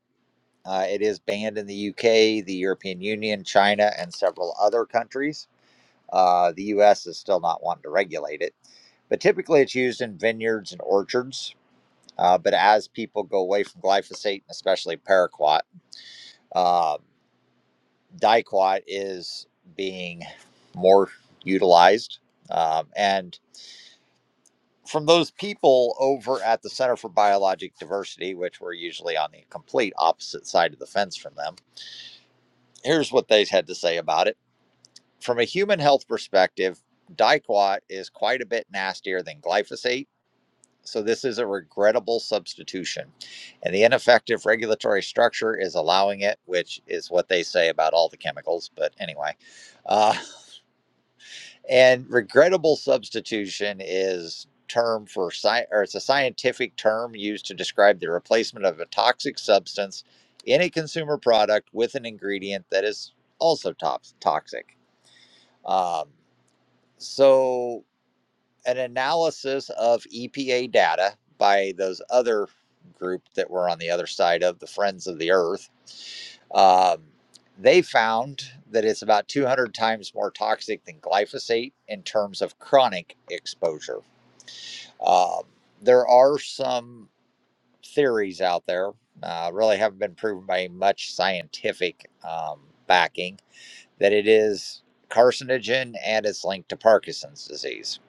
Uh, it is banned in the UK, the European Union, China, and several other countries. Uh, the U.S. is still not wanting to regulate it, but typically it's used in vineyards and orchards. Uh, but as people go away from glyphosate, especially paraquat, uh, diquat is being more utilized. Um, and from those people over at the Center for Biologic Diversity, which we're usually on the complete opposite side of the fence from them, here's what they had to say about it. From a human health perspective, diquat is quite a bit nastier than glyphosate So this is a regrettable substitution. And the ineffective regulatory structure is allowing it, which is what they say about all the chemicals. But anyway, uh, and regrettable substitution is term for sci- or it's a scientific term used to describe the replacement of a toxic substance in a consumer product with an ingredient that is also tops toxic. Um, so an analysis of EPA data by those other group that were on the other side of the Friends of the Earth. Um, they found that it's about 200 times more toxic than glyphosate in terms of chronic exposure. Um, there are some theories out there, uh, really haven't been proven by much scientific um, backing, that it is carcinogen and it's linked to Parkinson's disease.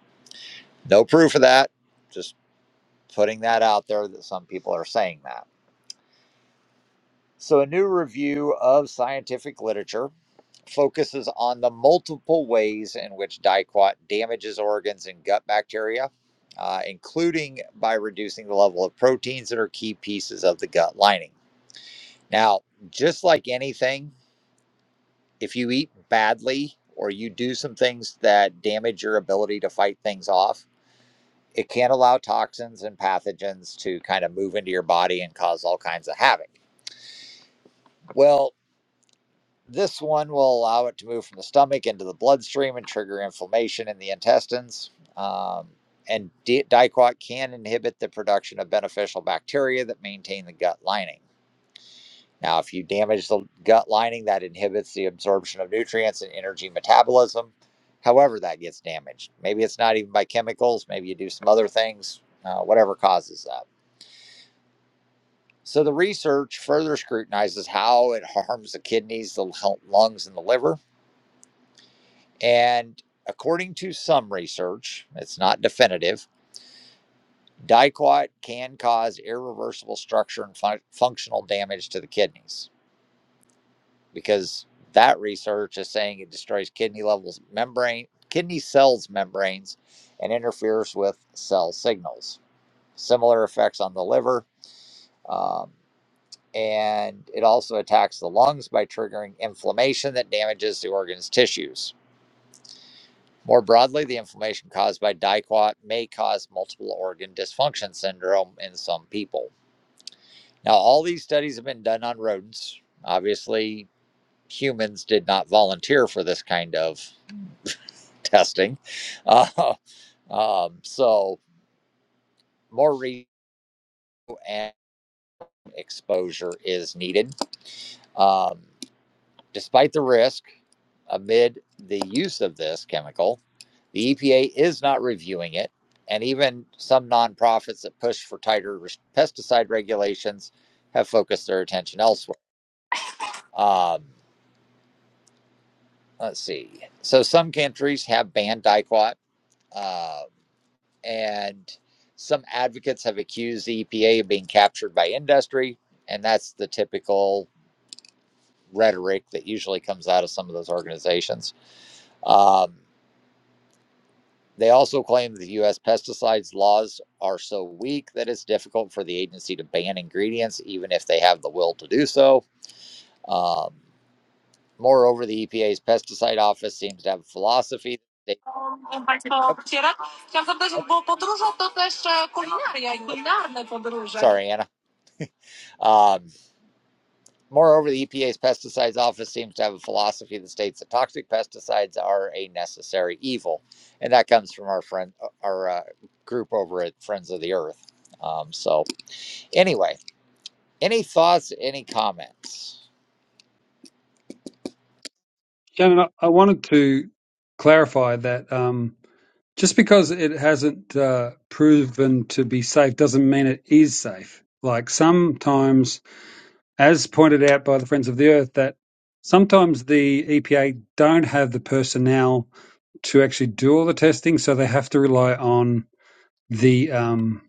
No proof of that, just putting that out there that some people are saying that. So, a new review of scientific literature focuses on the multiple ways in which dicot damages organs and gut bacteria, uh, including by reducing the level of proteins that are key pieces of the gut lining. Now, just like anything, if you eat badly or you do some things that damage your ability to fight things off, it can allow toxins and pathogens to kind of move into your body and cause all kinds of havoc Well, this one will allow it to move from the stomach into the bloodstream and trigger inflammation in the intestines. Um, and di- Dicot can inhibit the production of beneficial bacteria that maintain the gut lining. Now, if you damage the gut lining, that inhibits the absorption of nutrients and energy metabolism, however, that gets damaged. Maybe it's not even by chemicals, maybe you do some other things, uh, whatever causes that. So, the research further scrutinizes how it harms the kidneys, the lungs, and the liver And according to some research, it's not definitive, dicot can cause irreversible structure and func- functional damage to the kidneys because that research is saying it destroys kidney levels membrane, kidney cells membranes, and interferes with cell signals. Similar effects on the liver. Um, and it also attacks the lungs by triggering inflammation that damages the organ's tissues. More broadly, the inflammation caused by dicot may cause multiple organ dysfunction syndrome in some people. Now, all these studies have been done on rodents. Obviously, humans did not volunteer for this kind of testing. Uh, um, so, more re and exposure is needed. Um, Despite the risk amid the use of this chemical, the EPA is not reviewing it, and even some nonprofits that push for tighter pesticide regulations have focused their attention elsewhere. Um, let's see. So some countries have banned dicot, uh, and some advocates have accused the EPA of being captured by industry, and that's the typical rhetoric that usually comes out of some of those organizations. Um, They also claim that the U.S. pesticides laws are so weak that it's difficult for the agency to ban ingredients, even if they have the will to do so. Um, moreover, the EPA's pesticide office seems to have a philosophy. They, Państwo oop, wspierać. Chciałam zapytać, bo podróże to też e, kulinaria i kulinarne podróże. sorry, Anna. Um, moreover, the EPA's pesticides office seems to have a philosophy that states that toxic pesticides are a necessary evil, and that comes from our friend, uh, our uh, group over at Friends of the Earth. Um, so, anyway, any thoughts? Any comments? Shannon, I I wanted to clarify that um, just because it hasn't uh, proven to be safe doesn't mean it is safe. Like sometimes, as pointed out by the Friends of the Earth, that sometimes the EPA don't have the personnel to actually do all the testing, so they have to rely on the um,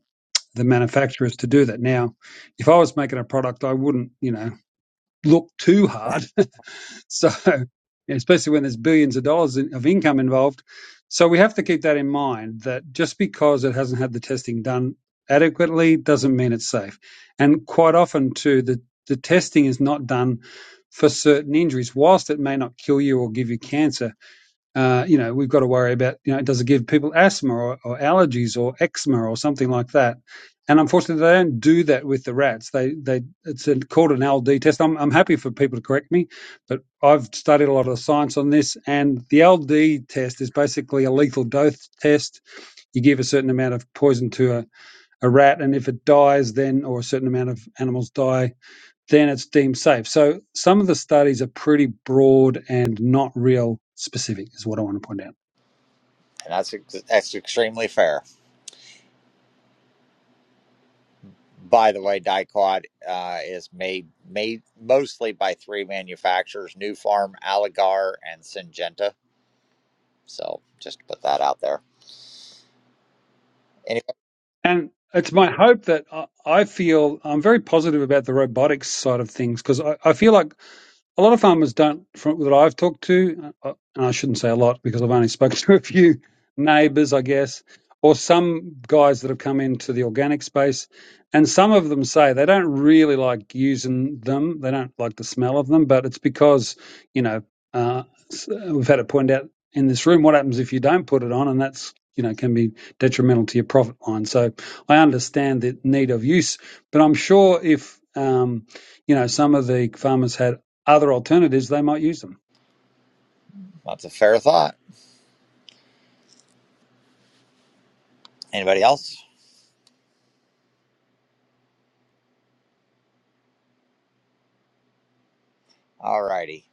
the manufacturers to do that. Now, if I was making a product, I wouldn't, you know, look too hard So, especially when there's billions of dollars of income involved. So, we have to keep that in mind that just because it hasn't had the testing done adequately doesn't mean it's safe. And quite often, too, the, the testing is not done for certain injuries. Whilst it may not kill you or give you cancer, uh, you know, we've got to worry about, you know, does it give people asthma or, or allergies or eczema or something like that? And unfortunately, they don't do that with the rats. They, they, it's a, called an LD test. I'm, I'm happy for people to correct me, but I've studied a lot of science on this. And the LD test is basically a lethal dose test. You give a certain amount of poison to a, a rat, and if it dies, then, or a certain amount of animals die, then it's deemed safe. So some of the studies are pretty broad and not real specific, is what I want to point out. and that's ex- that's extremely fair. By the way, Dicot uh, is made made mostly by three manufacturers: New Farm, Aligar, and Syngenta. So just to put that out there. Anyway, And it's my hope that I, feel I'm very positive about the robotics side of things because I, I feel like a lot of farmers don't, from that I've talked to, uh, uh, and I shouldn't say a lot because I've only spoken to a few neighbours, I guess, or some guys that have come into the organic space. And some of them say they don't really like using them. They don't like the smell of them, but it's because, you know, uh, we've had it pointed out in this room what happens if you don't put it on, and that's, you know, can be detrimental to your profit line. So I understand the need of use, but I'm sure if, um, you know, some of the farmers had other alternatives, they might use them. that's a fair thought. Anybody else? All righty.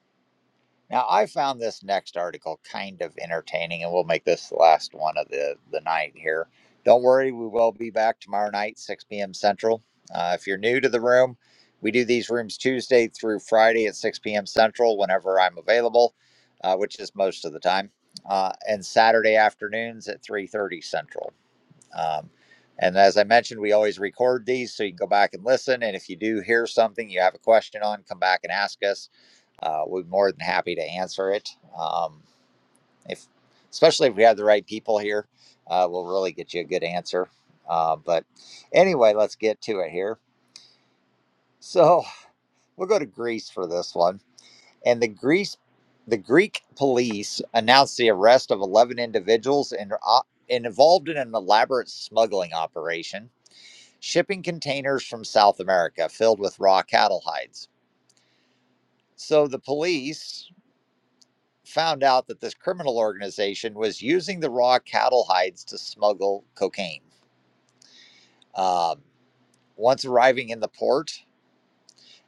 Now, I found this next article kind of entertaining, and we'll make this the last one of the, the night here. Don't worry, we will be back tomorrow night, 6 p.m. Central. Uh, if you're new to the room, we do these rooms Tuesday through Friday at 6 p.m. Central whenever I'm available, uh, which is most of the time, uh, and Saturday afternoons at 3.30 Central. Um, and as I mentioned, we always record these, so you can go back and listen. And if you do hear something you have a question on, come back and ask us uh, we're more than happy to answer it. Um, if especially if we have the right people here, uh, we'll really get you a good answer. Uh, but anyway, let's get to it here. So we'll go to Greece for this one, and the Greece, the Greek police announced the arrest of eleven individuals and uh, and involved in an elaborate smuggling operation, shipping containers from South America filled with raw cattle hides. So the police found out that this criminal organization was using the raw cattle hides to smuggle cocaine. Um, once arriving in the port,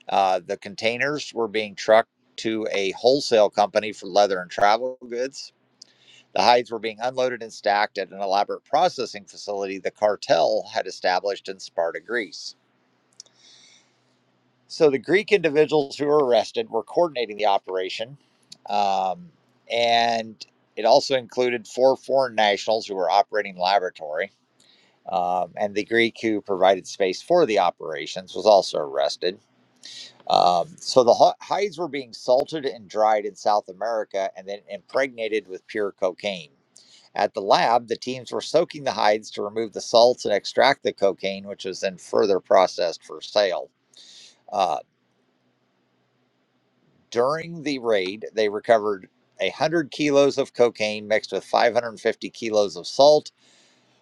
uh, the containers were being trucked to a wholesale company for leather and travel goods. The hides were being unloaded and stacked at an elaborate processing facility the cartel had established in Sparta, Greece. So the Greek individuals who were arrested were coordinating the operation, um, and it also included four foreign nationals who were operating the laboratory. Um, and the Greek who provided space for the operations was also arrested. Um, so the hides were being salted and dried in South America and then impregnated with pure cocaine. At the lab, the teams were soaking the hides to remove the salts and extract the cocaine, which was then further processed for sale. Uh, During the raid, they recovered 100 kilos of cocaine mixed with 550 kilos of salt,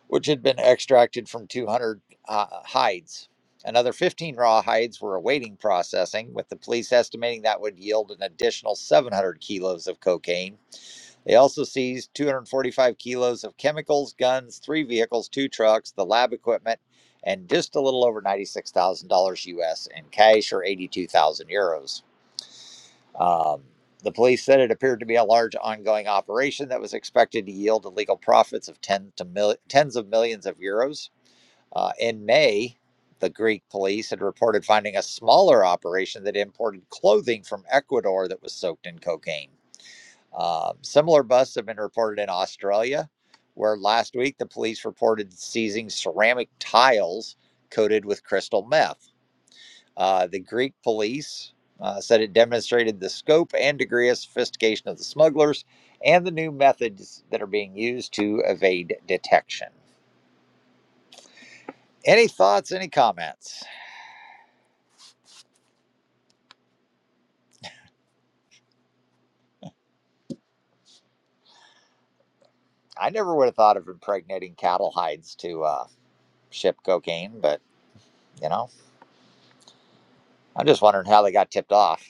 which had been extracted from 200 uh, hides. Another 15 raw hides were awaiting processing, with the police estimating that would yield an additional 700 kilos of cocaine. They also seized 245 kilos of chemicals, guns, three vehicles, two trucks, the lab equipment, and just a little over $96,000 US in cash or 82,000 euros. Um, the police said it appeared to be a large ongoing operation that was expected to yield illegal profits of 10 to mil- tens of millions of euros. Uh, in May, the Greek police had reported finding a smaller operation that imported clothing from Ecuador that was soaked in cocaine. Um, similar busts have been reported in Australia, where last week the police reported seizing ceramic tiles coated with crystal meth. Uh, the Greek police uh, said it demonstrated the scope and degree of sophistication of the smugglers and the new methods that are being used to evade detection. Any thoughts, any comments? I never would have thought of impregnating cattle hides to uh, ship cocaine, but you know, I'm just wondering how they got tipped off.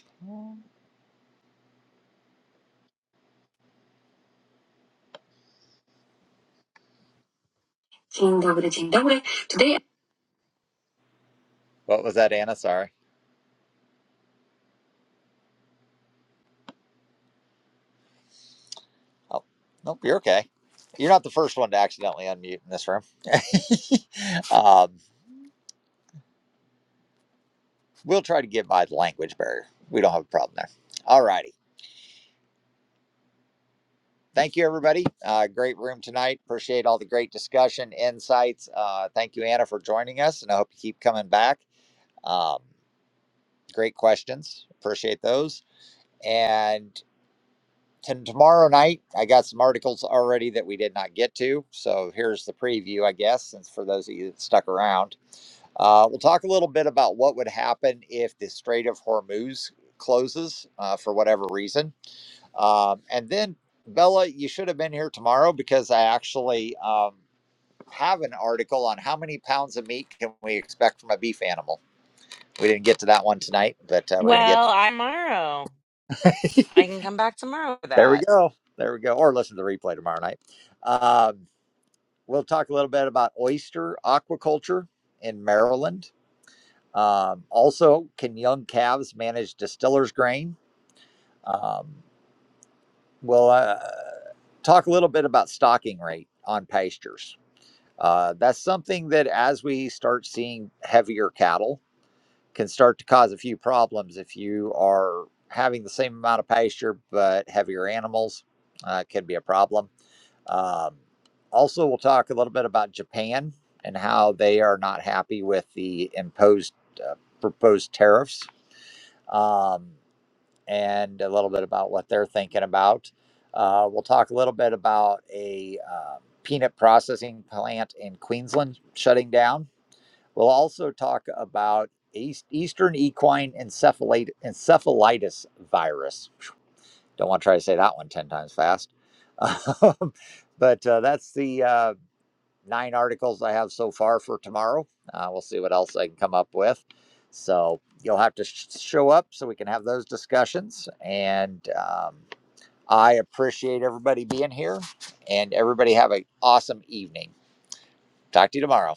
Dzień dobry, dzień dobry. Today What was that, Anna? Sorry. Oh, nope, you're okay. You're not the first one to accidentally unmute in this room. um, we'll try to get by the language barrier. We don't have a problem there. All righty. Thank you, everybody. Uh, great room tonight. Appreciate all the great discussion, insights. Uh, thank you, Anna, for joining us, and I hope you keep coming back. Um, great questions. Appreciate those. And t- tomorrow night, I got some articles already that we did not get to. So here's the preview, I guess, since for those of you that stuck around. Uh, we'll talk a little bit about what would happen if the Strait of Hormuz closes uh, for whatever reason Um, and then, Bella, you should have been here tomorrow because I actually um, have an article on how many pounds of meat can we expect from a beef animal. We didn't get to that one tonight, but uh, we're going to get Well, I tomorrow I can come back tomorrow for there. We that. go. There we go. Or listen to the replay tomorrow night. Um, we'll talk a little bit about oyster aquaculture in Maryland. Um, also, can young calves manage distiller's grain? Um, we'll uh, talk a little bit about stocking rate on pastures Uh, that's something that as we start seeing heavier cattle can start to cause a few problems if you are having the same amount of pasture but heavier animals uh, can be a problem. Um, also, we'll talk a little bit about Japan and how they are not happy with the imposed uh, proposed tariffs. Um, and a little bit about what they're thinking about. Uh, we'll talk a little bit about a uh, peanut processing plant in Queensland shutting down. We'll also talk about East, Eastern equine encephalate, encephalitis virus. Don't want to try to say that one 10 times fast. but uh, that's the uh, nine articles I have so far for tomorrow. Uh, we'll see what else I can come up with. So you'll have to sh- show up so we can have those discussions. And um, I appreciate everybody being here and everybody have an awesome evening. Talk to you tomorrow.